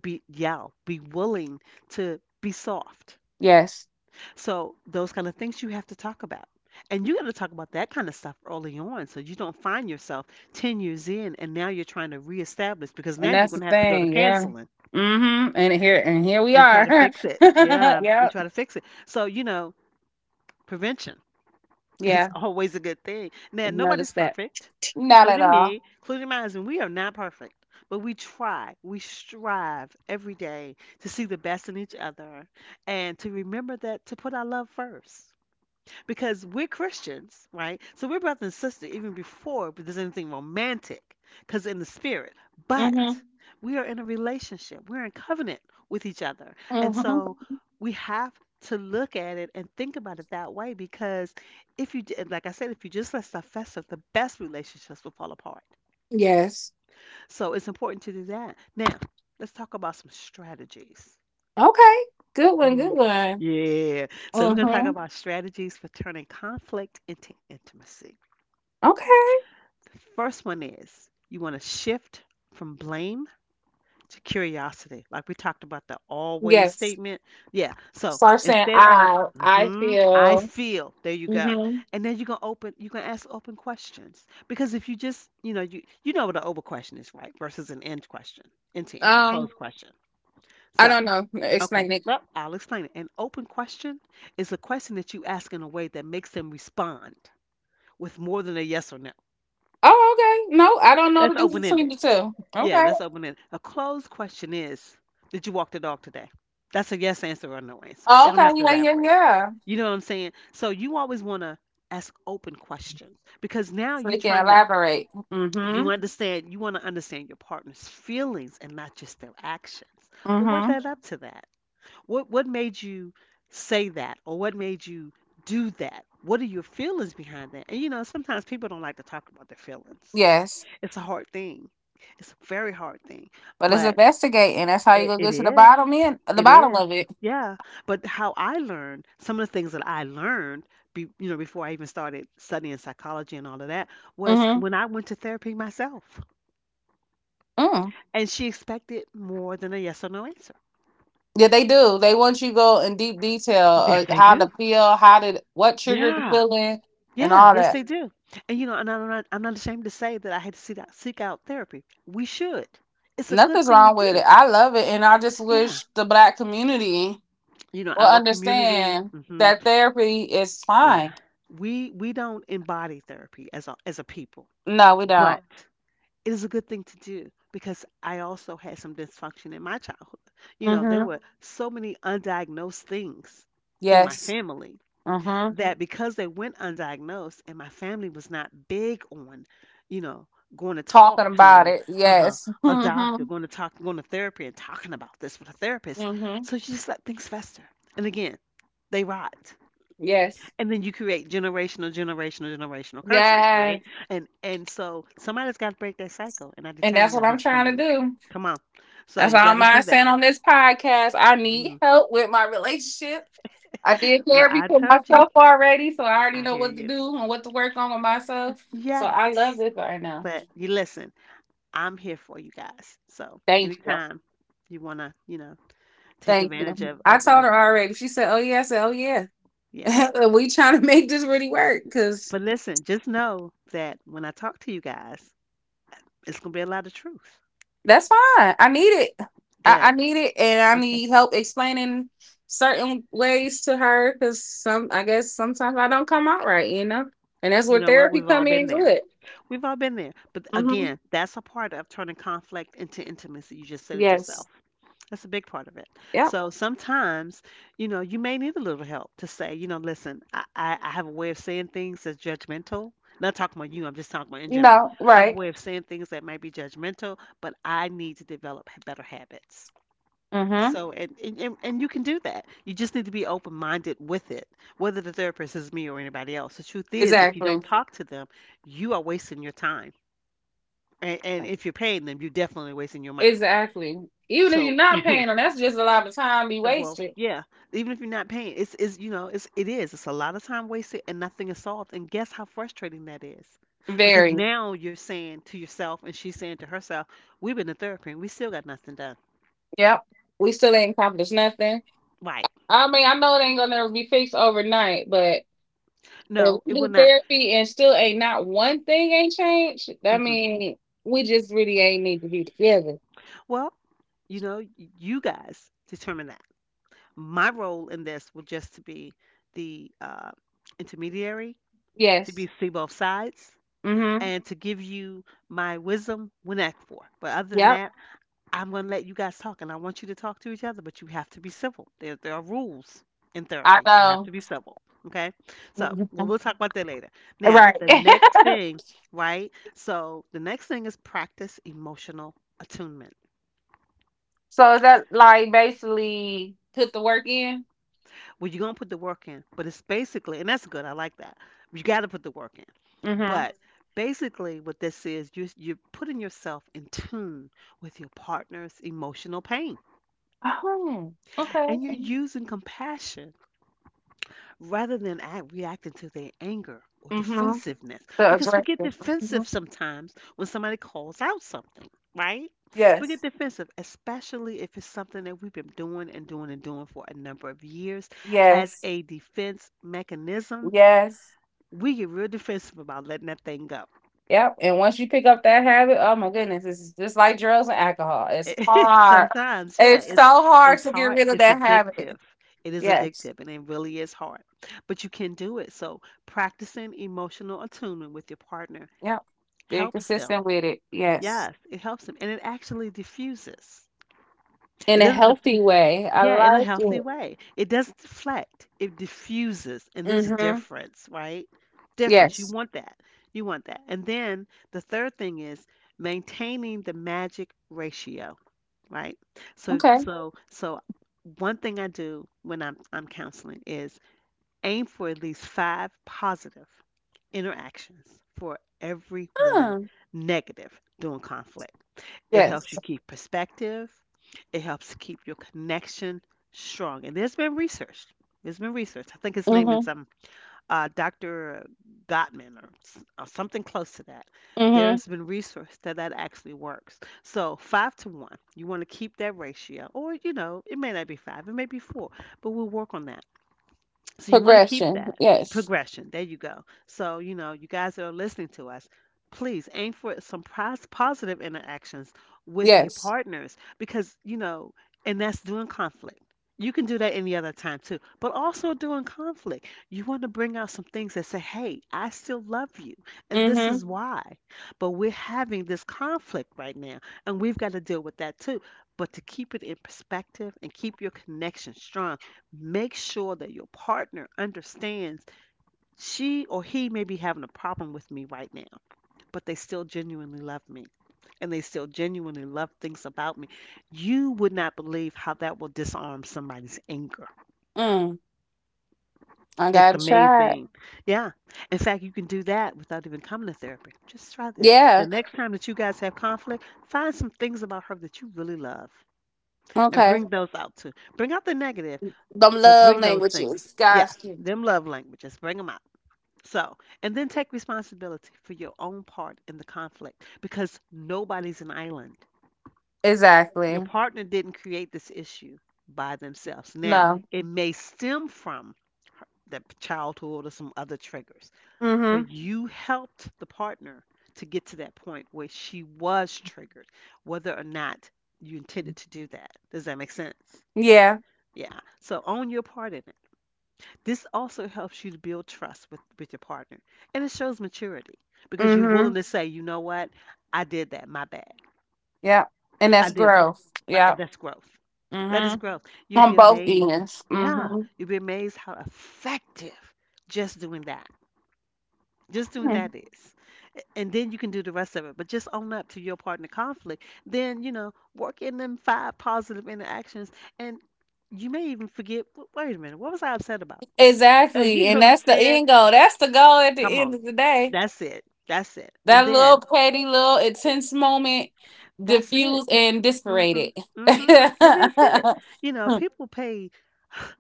Speaker 1: be yell, be willing to be soft.
Speaker 2: Yes.
Speaker 1: So those kind of things you have to talk about. And you got to talk about that kind of stuff early on so you don't find yourself ten years in and now you're trying to reestablish because now
Speaker 2: And
Speaker 1: you're
Speaker 2: that's
Speaker 1: going
Speaker 2: the
Speaker 1: to have to go to
Speaker 2: thing, yeah.
Speaker 1: counseling
Speaker 2: Mm-hmm. And here and here we
Speaker 1: and try to
Speaker 2: are.
Speaker 1: fix it. Yeah, and
Speaker 2: Yep.
Speaker 1: try to fix it. So, you know, prevention. It's
Speaker 2: Yeah.
Speaker 1: always a good thing. Now,
Speaker 2: Another
Speaker 1: nobody's
Speaker 2: step.
Speaker 1: perfect,
Speaker 2: Not at
Speaker 1: including
Speaker 2: all.
Speaker 1: me, including my husband. We are not perfect, but we try, we strive every day to see the best in each other and to remember that to put our love first because we're Christians, right? So we're brother and sister even before there's anything romantic, because in the spirit. But
Speaker 2: Mm-hmm.
Speaker 1: we are in a relationship. We're in covenant with each other, and
Speaker 2: Mm-hmm.
Speaker 1: so we have to look at it and think about it that way. Because if you, j- like I said, if you just let stuff fester, the best relationships will fall apart.
Speaker 2: Yes.
Speaker 1: So it's important to do that. Now, let's talk about some strategies.
Speaker 2: Okay. Good one. Good
Speaker 1: Mhm.
Speaker 2: one.
Speaker 1: Yeah. So we're going to talk
Speaker 2: Mm-hmm.
Speaker 1: about strategies for turning conflict into intimacy.
Speaker 2: Okay.
Speaker 1: The first one is you want to shift from blame to curiosity. Like we talked about the always
Speaker 2: Yes.
Speaker 1: statement. Yeah. So
Speaker 2: Start saying
Speaker 1: instead of
Speaker 2: I. I
Speaker 1: hmm I
Speaker 2: feel.
Speaker 1: feel, there you go.
Speaker 2: Mm-hmm.
Speaker 1: And then you can open you can ask open questions. Because if you just, you know, you you know what an open question is, right? Versus an end question, end to end, a
Speaker 2: Um.
Speaker 1: closed question.
Speaker 2: I
Speaker 1: So,
Speaker 2: don't know.
Speaker 1: okay.
Speaker 2: Explain it.
Speaker 1: Well, I'll explain it. An open question is a question that you ask in a way that makes them respond with more than a yes or no.
Speaker 2: Oh, okay. No, I don't know the
Speaker 1: That's open
Speaker 2: difference between
Speaker 1: ended.
Speaker 2: the two.
Speaker 1: Yeah,
Speaker 2: Okay.
Speaker 1: let's open it. A closed question is, did you walk the dog today? That's a yes answer or a no answer. They
Speaker 2: Oh,
Speaker 1: don't
Speaker 2: okay.
Speaker 1: have to
Speaker 2: Yeah. Yeah.
Speaker 1: elaborate.
Speaker 2: Yeah.
Speaker 1: You know what I'm saying? So you always want to ask open questions because now
Speaker 2: So
Speaker 1: you're
Speaker 2: we can
Speaker 1: trying to
Speaker 2: elaborate. Mm-hmm.
Speaker 1: you understand you want to understand your partner's feelings and not just their actions. But what
Speaker 2: Mm-hmm.
Speaker 1: led up to that? What what made you say that or what made you do that? What are your feelings behind that? And you know, sometimes people don't like to talk about their feelings.
Speaker 2: Yes.
Speaker 1: It's a hard thing. It's a very hard thing,
Speaker 2: But it's
Speaker 1: but
Speaker 2: investigating. That's how you
Speaker 1: it,
Speaker 2: gonna
Speaker 1: it
Speaker 2: get to the
Speaker 1: is.
Speaker 2: bottom end, the
Speaker 1: It
Speaker 2: bottom
Speaker 1: is.
Speaker 2: of it.
Speaker 1: Yeah. But how I learned, some of the things that I learned, be, you know, before I even started studying psychology and all of that, was
Speaker 2: Mm-hmm.
Speaker 1: when I went to therapy myself.
Speaker 2: Mm.
Speaker 1: And she expected more than a yes or no answer.
Speaker 2: Yeah, they do. They want you to go in deep detail
Speaker 1: Yes,
Speaker 2: of
Speaker 1: they
Speaker 2: how to
Speaker 1: do.
Speaker 2: feel, how did what triggered the
Speaker 1: Yeah.
Speaker 2: feeling, and
Speaker 1: Yeah,
Speaker 2: all
Speaker 1: yes,
Speaker 2: that.
Speaker 1: they do. And you know, and I'm not, I'm not ashamed to say that I had to seek out, seek out therapy. We should. It's a good
Speaker 2: Nothing's
Speaker 1: thing to
Speaker 2: wrong with it.
Speaker 1: do.
Speaker 2: I love it, and I just
Speaker 1: Yeah.
Speaker 2: wish the black community
Speaker 1: You know,
Speaker 2: will
Speaker 1: our community.
Speaker 2: understand
Speaker 1: Mhm.
Speaker 2: that therapy is
Speaker 1: Yeah.
Speaker 2: fine.
Speaker 1: We we don't embody therapy as a as a people.
Speaker 2: No, we
Speaker 1: Yeah.
Speaker 2: don't.
Speaker 1: But it is a good thing to do because I also had some dysfunction in my childhood. You know, there
Speaker 2: Mm-hmm.
Speaker 1: were so many undiagnosed things in my Mm-hmm.
Speaker 2: Yes.
Speaker 1: family
Speaker 2: Mm-hmm.
Speaker 1: that because they went undiagnosed and my family was not big on, you know, going to
Speaker 2: Talking
Speaker 1: talk
Speaker 2: about
Speaker 1: to
Speaker 2: it.
Speaker 1: uh-huh,
Speaker 2: Yes.
Speaker 1: a doctor,
Speaker 2: Mm-hmm.
Speaker 1: going to talk going to therapy and talking about this with a therapist.
Speaker 2: Mm-hmm.
Speaker 1: So you just let things fester. And again, they rot,
Speaker 2: Yes.
Speaker 1: and then you create generational generational generational curses, right?
Speaker 2: Yes.
Speaker 1: and and so somebody's got to break that cycle and I
Speaker 2: And that's
Speaker 1: determined
Speaker 2: what
Speaker 1: that it
Speaker 2: I'm
Speaker 1: was going to
Speaker 2: trying
Speaker 1: be
Speaker 2: to
Speaker 1: me.
Speaker 2: do.
Speaker 1: Come on. So
Speaker 2: That's
Speaker 1: you
Speaker 2: all
Speaker 1: got to
Speaker 2: I'm
Speaker 1: do
Speaker 2: saying
Speaker 1: that.
Speaker 2: on this podcast. I need
Speaker 1: Mm.
Speaker 2: help with my relationship. I did
Speaker 1: Well,
Speaker 2: therapy
Speaker 1: I
Speaker 2: for
Speaker 1: told you.
Speaker 2: myself already, so I already
Speaker 1: I
Speaker 2: know
Speaker 1: hear
Speaker 2: what to
Speaker 1: you.
Speaker 2: do and what to work on with myself. So I love
Speaker 1: Yes.
Speaker 2: this right now.
Speaker 1: But you listen, I'm here for you guys, so
Speaker 2: Thank you.
Speaker 1: anytime you want to, you know, take
Speaker 2: Thank
Speaker 1: advantage
Speaker 2: you.
Speaker 1: of,
Speaker 2: I
Speaker 1: of
Speaker 2: told
Speaker 1: of
Speaker 2: her
Speaker 1: of-
Speaker 2: already. She said, oh yeah. I said, oh yeah.
Speaker 1: yeah.
Speaker 2: We trying to make this really work because
Speaker 1: But listen, just know that when I talk to you guys, it's going to be a lot of truth.
Speaker 2: that's fine. I need it. I, I
Speaker 1: Good.
Speaker 2: need it and I
Speaker 1: Okay.
Speaker 2: need help explaining certain ways to her because some I guess sometimes I don't come out right, you know? And that's
Speaker 1: You
Speaker 2: where
Speaker 1: know what,
Speaker 2: therapy
Speaker 1: we've all
Speaker 2: come in
Speaker 1: been there.
Speaker 2: good.
Speaker 1: We've all been there. But
Speaker 2: Mm-hmm.
Speaker 1: again, that's a part of turning conflict into intimacy. You just said it yourself.
Speaker 2: Yes.
Speaker 1: That's a big part of it.
Speaker 2: Yep.
Speaker 1: So sometimes, you know, you may need a little help to say, you know, listen, I, I, I have a way of saying things that's judgmental. Not talking about you, I'm just talking about in general.
Speaker 2: No,
Speaker 1: I have a
Speaker 2: right.
Speaker 1: way of saying things that might be judgmental, but I need to develop h- better habits.
Speaker 2: Mm-hmm.
Speaker 1: So, and, and, and and you can do that. You just need to be open minded with it, whether the therapist is me or anybody else. The truth is, if you
Speaker 2: Exactly.
Speaker 1: don't talk to them, you are wasting your time, and, and if you're paying them, you're definitely wasting your money.
Speaker 2: Exactly. Even if you're
Speaker 1: So,
Speaker 2: not paying them, that's just a lot of time be
Speaker 1: well,
Speaker 2: wasted.
Speaker 1: yeah, even if you're not paying, it's is you know it's it is it's a lot of time wasted and nothing is solved. And guess how frustrating that is, because
Speaker 2: Very.
Speaker 1: now you're saying to yourself and she's saying to herself, "We've been to therapy and we still got nothing done."
Speaker 2: Yep. We still ain't accomplished nothing.
Speaker 1: Right?
Speaker 2: I mean, I know it ain't gonna never be fixed overnight, but if
Speaker 1: No, it
Speaker 2: we
Speaker 1: will
Speaker 2: do
Speaker 1: not.
Speaker 2: therapy and still ain't not one thing ain't changed, that
Speaker 1: hmm
Speaker 2: mean we just really ain't need to be together.
Speaker 1: Well, you know, y- you guys determine that. My role in this will just to be the uh, intermediary to
Speaker 2: Yes.
Speaker 1: be see both sides
Speaker 2: Mm-hmm.
Speaker 1: and to give you my wisdom when asked for. But other than
Speaker 2: Yep.
Speaker 1: that, I'm going to let you guys talk and I want you to talk to each other, but you have to be civil. There, there are rules in
Speaker 2: I
Speaker 1: therapy. You have
Speaker 2: know.
Speaker 1: to be civil. Okay. So we
Speaker 2: Mhm.
Speaker 1: we'll talk about that later. Now,
Speaker 2: Right.
Speaker 1: the next thing, right? So the next thing is practice emotional attunement.
Speaker 2: So is that like basically put the work in.
Speaker 1: Well, you're gonna put the work in, but it's basically, and that's good. I like that. You got to put the work in,
Speaker 2: Mhm.
Speaker 1: but basically, what this is, you're you're putting yourself in tune with your partner's emotional pain,
Speaker 2: Oh, okay.
Speaker 1: and you're
Speaker 2: Mhm.
Speaker 1: using compassion rather than act, reacting to their anger or
Speaker 2: Mhm.
Speaker 1: defensiveness,
Speaker 2: The
Speaker 1: because we get
Speaker 2: aggressive.
Speaker 1: defensive
Speaker 2: Mhm.
Speaker 1: sometimes when somebody calls out something, right? We get
Speaker 2: Yes.
Speaker 1: defensive, especially if it's something that we've been doing and doing and doing for a number of years as
Speaker 2: Yes.
Speaker 1: a defense mechanism
Speaker 2: Yes.
Speaker 1: we get real defensive about letting that thing go.
Speaker 2: Yep. And once you pick up that habit, oh my goodness, it's just like drugs and alcohol. It's hard.
Speaker 1: Sometimes, yeah,
Speaker 2: It's so
Speaker 1: it's
Speaker 2: hard
Speaker 1: it's
Speaker 2: to get
Speaker 1: hard.
Speaker 2: rid of
Speaker 1: It's
Speaker 2: that habit.
Speaker 1: addictive. It is
Speaker 2: Yes.
Speaker 1: addictive, and it really is hard. But you can do it. So practicing emotional attunement with your partner
Speaker 2: Yep. Being
Speaker 1: helps them.
Speaker 2: consistent with it. Yes.
Speaker 1: Yes, it helps them, and it actually diffuses.
Speaker 2: In
Speaker 1: It
Speaker 2: a
Speaker 1: doesn't.
Speaker 2: healthy way. I
Speaker 1: Yeah, in a
Speaker 2: like
Speaker 1: healthy
Speaker 2: it.
Speaker 1: way. It doesn't deflect, it diffuses, and there's a
Speaker 2: Mm-hmm.
Speaker 1: difference, right? Difference. You
Speaker 2: Yes.
Speaker 1: want that. You want that. And then the third thing is maintaining the magic ratio, right? So
Speaker 2: Okay.
Speaker 1: so so one thing I do when I'm I'm counseling is aim for at least five positive interactions for every one
Speaker 2: Huh.
Speaker 1: negative during conflict. It helps
Speaker 2: Yes.
Speaker 1: you keep perspective. It helps keep your connection strong. And there's been research. There's been research. I think his name
Speaker 2: Mm-hmm.
Speaker 1: is um uh, Doctor Gottman, or, s- or something close to that. There
Speaker 2: Mm-hmm.
Speaker 1: has been research that that actually works. So five to one, you want to keep that ratio, or you know, it may not be five, it may be four, but we'll work on that. So you want to keep
Speaker 2: Progression.
Speaker 1: that
Speaker 2: Yes.
Speaker 1: progression. There you go. So, you know, you guys that are listening to us, please aim for some pos- positive interactions with your
Speaker 2: Yes.
Speaker 1: partners because, you know, and that's during conflict. You can do that any other time too, but also during conflict, you want to bring out some things that say, hey, I still love you, and this
Speaker 2: Mm-hmm.
Speaker 1: is why. But we're having this conflict right now, and we've got to deal with that too. But to keep it in perspective and keep your connection strong, make sure that your partner understands she or he may be having a problem with me right now, but they still genuinely love me and they still genuinely love things about me. You would not believe how that will disarm somebody's anger.
Speaker 2: Mm. I
Speaker 1: It's
Speaker 2: got to shot.
Speaker 1: amazing. Yeah. In fact, you can do that without even coming to therapy. Just try that. The
Speaker 2: Yeah.
Speaker 1: next time that you guys have conflict, find some things about her that you really love and
Speaker 2: Okay.
Speaker 1: bring those out too. Bring out the negative,
Speaker 2: Them
Speaker 1: but
Speaker 2: love
Speaker 1: bring those things.
Speaker 2: languages.
Speaker 1: Yeah,
Speaker 2: Got
Speaker 1: them love languages. Bring them out. So, and then take responsibility for your own part in the conflict because nobody's an island. Your
Speaker 2: Exactly.
Speaker 1: partner didn't create this issue by themselves. Now,
Speaker 2: No.
Speaker 1: it may stem from her- the p- childhood or some other triggers,
Speaker 2: Mm-hmm.
Speaker 1: but you helped the partner to get to that point where she was triggered, whether or not you intended to do that. Does that make sense?
Speaker 2: Yeah.
Speaker 1: Yeah. So own your part in it. This also helps you to build trust with, with your partner. And it shows maturity because you're
Speaker 2: Mm-hmm.
Speaker 1: willing to say, you know what? I did that. My bad.
Speaker 2: Yep. And that's
Speaker 1: I did that.
Speaker 2: growth.
Speaker 1: But
Speaker 2: Yep.
Speaker 1: that's growth. That is
Speaker 2: Mm-hmm.
Speaker 1: growth. You'll
Speaker 2: On
Speaker 1: be
Speaker 2: both
Speaker 1: amazed.
Speaker 2: ends.
Speaker 1: Yeah.
Speaker 2: Mm-hmm.
Speaker 1: You'll be amazed how effective just doing that. Just doing that
Speaker 2: Hmm.
Speaker 1: is. And then you can do the rest of it. But just own up to your partner conflict. Then, you know, work in them five positive interactions. And you may even forget, "W- Wait a minute, what was I upset about? Uh, you
Speaker 2: Exactly.
Speaker 1: know
Speaker 2: And
Speaker 1: what I'm
Speaker 2: that's the
Speaker 1: saying?
Speaker 2: end goal. That's the goal at
Speaker 1: Come
Speaker 2: the end
Speaker 1: on.
Speaker 2: of the day.
Speaker 1: That's it. That's it. And
Speaker 2: That
Speaker 1: then
Speaker 2: little petty little intense moment
Speaker 1: that's it.
Speaker 2: diffused and disparated.
Speaker 1: Mhm. Mhm. And that's it. You know, people pay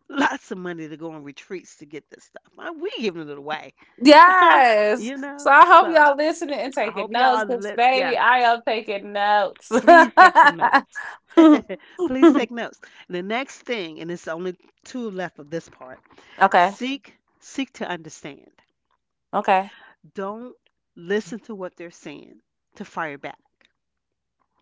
Speaker 1: lots of money to go on retreats to get this stuff. Uh, We giving it away.
Speaker 2: Yes.
Speaker 1: you
Speaker 2: So
Speaker 1: know.
Speaker 2: I hope
Speaker 1: So
Speaker 2: y'all listening and
Speaker 1: I
Speaker 2: taking
Speaker 1: hope
Speaker 2: notes
Speaker 1: y'all
Speaker 2: because,
Speaker 1: let
Speaker 2: baby,
Speaker 1: yes.
Speaker 2: I am taking notes.
Speaker 1: Please take some notes. Please take notes. And the next thing, and it's only two left of this part.
Speaker 2: Okay.
Speaker 1: Seek seek to understand.
Speaker 2: Okay.
Speaker 1: Don't listen to what they're saying to fire back.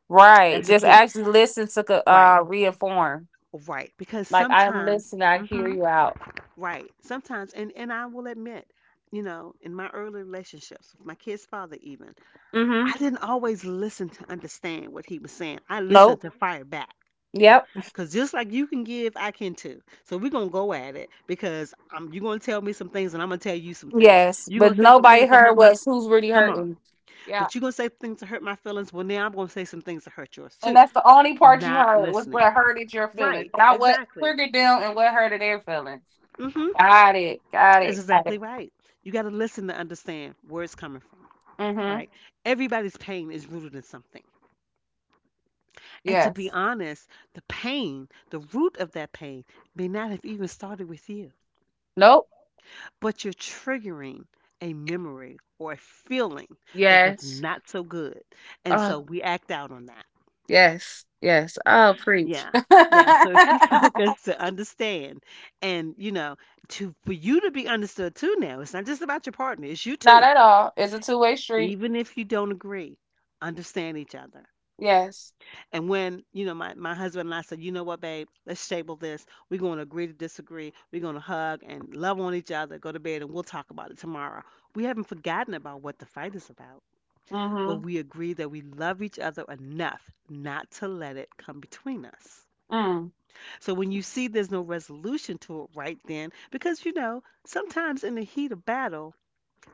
Speaker 2: Right.
Speaker 1: That's the
Speaker 2: Just
Speaker 1: key.
Speaker 2: actually listen to co-
Speaker 1: Right.
Speaker 2: uh reinform.
Speaker 1: Right, because
Speaker 2: Like I am
Speaker 1: sometimes,
Speaker 2: listening. I hear
Speaker 1: hmm
Speaker 2: you out.
Speaker 1: right, sometimes, and and I will admit, you know, in my early relationships with my kid's father, even
Speaker 2: Mm-hmm.
Speaker 1: I didn't always listen to understand what he was saying. I listened
Speaker 2: Nope.
Speaker 1: to fire back,
Speaker 2: Yep.
Speaker 1: cause just like you can give, I can too. So we're gonna go at it because I'm you're gonna tell me some things, and I'm gonna tell you some things.
Speaker 2: Yes.
Speaker 1: You're gonna
Speaker 2: But
Speaker 1: say some
Speaker 2: nobody
Speaker 1: things to
Speaker 2: heard
Speaker 1: hurt my,
Speaker 2: was who's really
Speaker 1: come on,
Speaker 2: hurting. Yeah.
Speaker 1: but you're gonna say things to hurt my feelings. Well, now I'm gonna say some things to hurt yours
Speaker 2: And
Speaker 1: too.
Speaker 2: that's the only part you
Speaker 1: Not
Speaker 2: heard was
Speaker 1: listening.
Speaker 2: what hurted your feelings,
Speaker 1: Right,
Speaker 2: not what
Speaker 1: exactly.
Speaker 2: triggered them and what hurted their feelings.
Speaker 1: Mm-hmm.
Speaker 2: Got it. Got
Speaker 1: That's
Speaker 2: it. Got
Speaker 1: exactly
Speaker 2: it.
Speaker 1: right. You got to listen to understand where it's coming from,
Speaker 2: Mm-hmm.
Speaker 1: right? Everybody's pain is rooted in something. And to
Speaker 2: Yes.
Speaker 1: be honest, the pain, the root of that pain may not have even started with you,
Speaker 2: Nope.
Speaker 1: but you're triggering a memory or a feeling that was
Speaker 2: Yes.
Speaker 1: not so good. And
Speaker 2: Uh,
Speaker 1: so we act out on that.
Speaker 2: yes. Yes. I'll preach.
Speaker 1: Yeah. Yeah, so if you focus to understand, and you know to for you to be understood too. Now, it's not just about your partner, it's you
Speaker 2: Not
Speaker 1: too,
Speaker 2: at all. It's a two way street.
Speaker 1: even if you don't agree, understand each other.
Speaker 2: Yes.
Speaker 1: And when you know my, my husband and I said, you know what, babe, let's table this. We're going to agree to disagree. We're going to hug and love on each other, go to bed, and we'll talk about it tomorrow. We haven't forgotten about what the fight is about, but
Speaker 2: Mm-hmm.
Speaker 1: we agree that we love each other enough not to let it come between us.
Speaker 2: Mm.
Speaker 1: So when you see there's no resolution to it right then, because you know sometimes in the heat of battle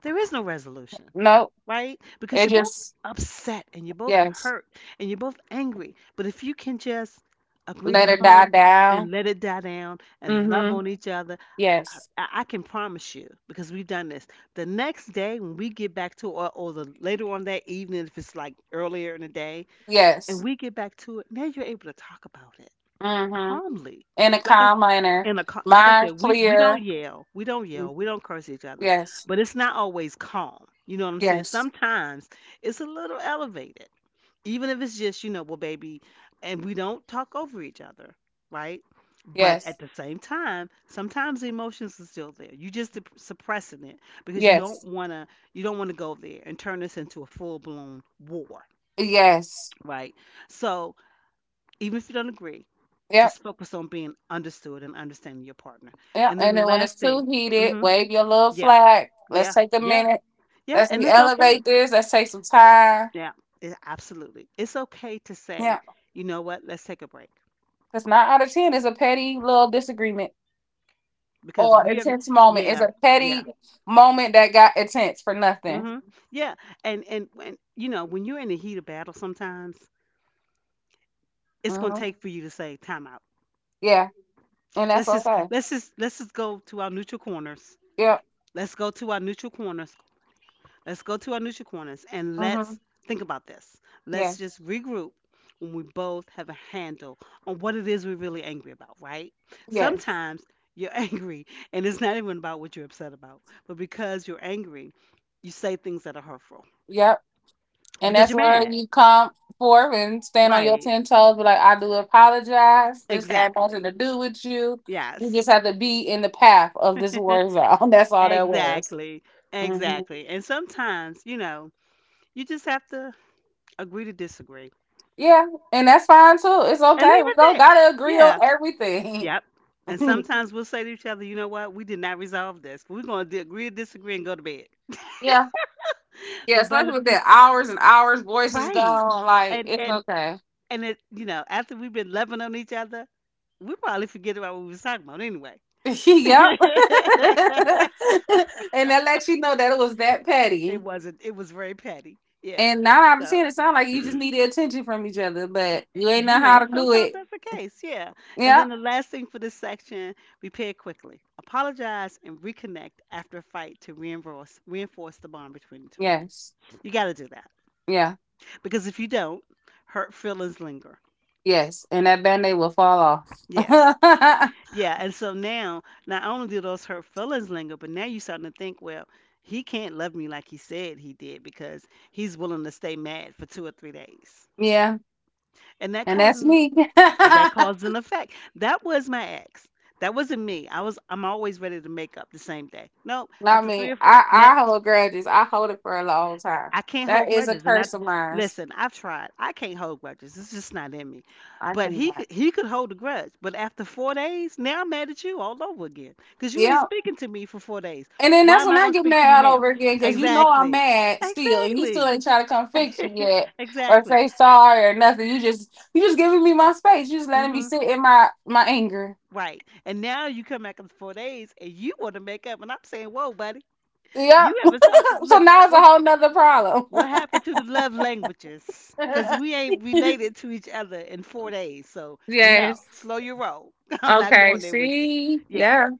Speaker 1: there is no resolution,
Speaker 2: Nope.
Speaker 1: right? Because
Speaker 2: It
Speaker 1: you're both
Speaker 2: just
Speaker 1: upset and you're both
Speaker 2: yes.
Speaker 1: hurt and you're both angry. But if you can just agree to
Speaker 2: Let it die
Speaker 1: calm
Speaker 2: down.
Speaker 1: and let it die down and love
Speaker 2: Mm-hmm.
Speaker 1: on each other,
Speaker 2: Yes.
Speaker 1: I, I can promise you, because we've done this, the next day when we get back to, or, or the later on that evening, if it's like earlier in the day, and
Speaker 2: Yes.
Speaker 1: we get back to it, now you're able to talk about it
Speaker 2: Mm-hmm.
Speaker 1: calmly.
Speaker 2: In a
Speaker 1: Like I s-
Speaker 2: calm manner.
Speaker 1: in a ca- like I
Speaker 2: Mind
Speaker 1: said, we we don't
Speaker 2: clear.
Speaker 1: yell, we don't
Speaker 2: Mm.
Speaker 1: yell, we don't curse each other,
Speaker 2: Yes.
Speaker 1: but it's not always calm. You know what I'm saying?
Speaker 2: Yes.
Speaker 1: Sometimes it's a little elevated, even if it's just, you know, well, baby, and we don't talk over each other, right? But at
Speaker 2: Yes.
Speaker 1: the same time, sometimes the emotions are still there. You just sup- suppressing it because you don't
Speaker 2: Yes.
Speaker 1: wanna you don't wanna go there and turn this into a full blown war,
Speaker 2: Yes.
Speaker 1: right? So even if you don't agree,
Speaker 2: Yep.
Speaker 1: just focus on being understood and understanding your partner.
Speaker 2: Yeah,
Speaker 1: And then
Speaker 2: and
Speaker 1: the
Speaker 2: then when
Speaker 1: last
Speaker 2: it's
Speaker 1: thing,
Speaker 2: too heated,
Speaker 1: hmm
Speaker 2: wave your little
Speaker 1: yeah,
Speaker 2: flag. Let's
Speaker 1: yeah,
Speaker 2: take a
Speaker 1: yeah,
Speaker 2: minute.
Speaker 1: yeah,
Speaker 2: Let's
Speaker 1: and it's okay.
Speaker 2: elevate this. Let's take some time.
Speaker 1: Yeah, it, absolutely. It's okay to
Speaker 2: Yeah,
Speaker 1: say, you know what, let's take a break
Speaker 2: because nine out of ten is a petty little disagreement
Speaker 1: because
Speaker 2: or
Speaker 1: we are,
Speaker 2: intense moment. It's
Speaker 1: yeah,
Speaker 2: a
Speaker 1: yeah,
Speaker 2: petty moment that got intense for nothing.
Speaker 1: hmm, yeah. And, and, and, you know, when you're in the heat of battle sometimes, it's going to
Speaker 2: Hmm.
Speaker 1: take for you to say time out.
Speaker 2: Yeah, and that's
Speaker 1: Let's just,
Speaker 2: okay.
Speaker 1: let's just, let's just go to our neutral corners.
Speaker 2: Yep.
Speaker 1: Let's go to our neutral corners. Let's go to our Nutri Corners and
Speaker 2: Hmm.
Speaker 1: let's think about this.
Speaker 2: Yeah.
Speaker 1: Let's just regroup when we both have a handle on what it is we're really angry about, right?
Speaker 2: Yes.
Speaker 1: Sometimes you're angry and it's not even about what you're upset about, but because you're angry, you say things that are hurtful
Speaker 2: Yep. And
Speaker 1: because
Speaker 2: that's
Speaker 1: you're
Speaker 2: where
Speaker 1: mad,
Speaker 2: you come forth and stand on your
Speaker 1: right?
Speaker 2: ten toes, be like, I do apologize. This had nothing
Speaker 1: Exactly.
Speaker 2: to do with you. You
Speaker 1: Yes.
Speaker 2: just had to be in the path of this war zone. That's all that was.
Speaker 1: Exactly.
Speaker 2: Mhm.
Speaker 1: Exactly. And sometimes, you know, you just have to agree to disagree
Speaker 2: Yeah, and that's fine too. It's
Speaker 1: and
Speaker 2: okay.
Speaker 1: leave
Speaker 2: We
Speaker 1: it
Speaker 2: don't
Speaker 1: there.
Speaker 2: gotta agree on
Speaker 1: Yeah.
Speaker 2: everything.
Speaker 1: Yep. And sometimes we'll say to each other, you know what? We did not resolve this. We're going to agree to disagree and go to bed.
Speaker 2: Yeah, yeah,
Speaker 1: But by
Speaker 2: especially
Speaker 1: the-
Speaker 2: with the hours and hours, voices
Speaker 1: right.
Speaker 2: gone. Like
Speaker 1: And
Speaker 2: it's
Speaker 1: and
Speaker 2: okay.
Speaker 1: and it, you know, after we've been loving on each other, we probably forget about what we was talking about anyway.
Speaker 2: Yep. And
Speaker 1: It
Speaker 2: that lets you know that it was that petty.
Speaker 1: wasn't. It was very petty. Yeah.
Speaker 2: And nine out of
Speaker 1: So
Speaker 2: ten, it sounds like you just need the attention from each other, but you ain't
Speaker 1: you
Speaker 2: know how
Speaker 1: know,
Speaker 2: to do
Speaker 1: sometimes
Speaker 2: it.
Speaker 1: that's the case. Yeah. And
Speaker 2: Yeah.
Speaker 1: then the last thing for this section, repair quickly. Apologize and reconnect after a fight to reinforce reinforce the bond between the two of you.
Speaker 2: Yes.
Speaker 1: You got to do that
Speaker 2: Yeah.
Speaker 1: because if you don't, hurt feelings linger.
Speaker 2: Yes. And that band aid will fall
Speaker 1: Yeah,
Speaker 2: off.
Speaker 1: yeah. And so now, not only do those hurt feelings linger, but now you're starting to think, well, he can't love me like he said he did because he's willing to stay mad for two or three days,
Speaker 2: Yeah.
Speaker 1: and that
Speaker 2: And that's
Speaker 1: causes
Speaker 2: me.
Speaker 1: that causes an effect. That was my ex. That wasn't me. I was I'm always ready to make up the same day. Nope.
Speaker 2: Not
Speaker 1: After three
Speaker 2: me.
Speaker 1: or four
Speaker 2: I,
Speaker 1: now
Speaker 2: I hold grudges. I hold it for a long time.
Speaker 1: I can't hold
Speaker 2: That is a
Speaker 1: grudges, and I
Speaker 2: curse of mine.
Speaker 1: listen. I've tried. I can't hold grudges. It's just not in me.
Speaker 2: I
Speaker 1: But he
Speaker 2: cannot.
Speaker 1: could- he could hold a grudge. But after four days, now I'm mad at you all over again because you ain't
Speaker 2: Yeah.
Speaker 1: speaking to me for four days.
Speaker 2: And then
Speaker 1: Why
Speaker 2: that's
Speaker 1: am
Speaker 2: when
Speaker 1: I
Speaker 2: I
Speaker 1: gonna
Speaker 2: get
Speaker 1: speak to you
Speaker 2: mad all
Speaker 1: now?
Speaker 2: over again because you know I'm
Speaker 1: Exactly.
Speaker 2: mad still, and you still
Speaker 1: Exactly.
Speaker 2: ain't trying to come fix you yet or
Speaker 1: exactly.
Speaker 2: say sorry or nothing. You just you just giving me my space. You just letting me
Speaker 1: Mhm.
Speaker 2: sit in my my anger.
Speaker 1: Right. And now you come back after four days, and you want to make up, and I'm saying, whoa, buddy,
Speaker 2: Yep.
Speaker 1: you haven't talked.
Speaker 2: So
Speaker 1: Look,
Speaker 2: now it's a
Speaker 1: what?
Speaker 2: whole nother problem.
Speaker 1: What happened to the love languages? Because we ain't related to each other in four days. So, no,
Speaker 2: Yes.
Speaker 1: slow your roll. I'm not
Speaker 2: Okay.
Speaker 1: going there with you.
Speaker 2: See.
Speaker 1: Yeah.
Speaker 2: Yeah.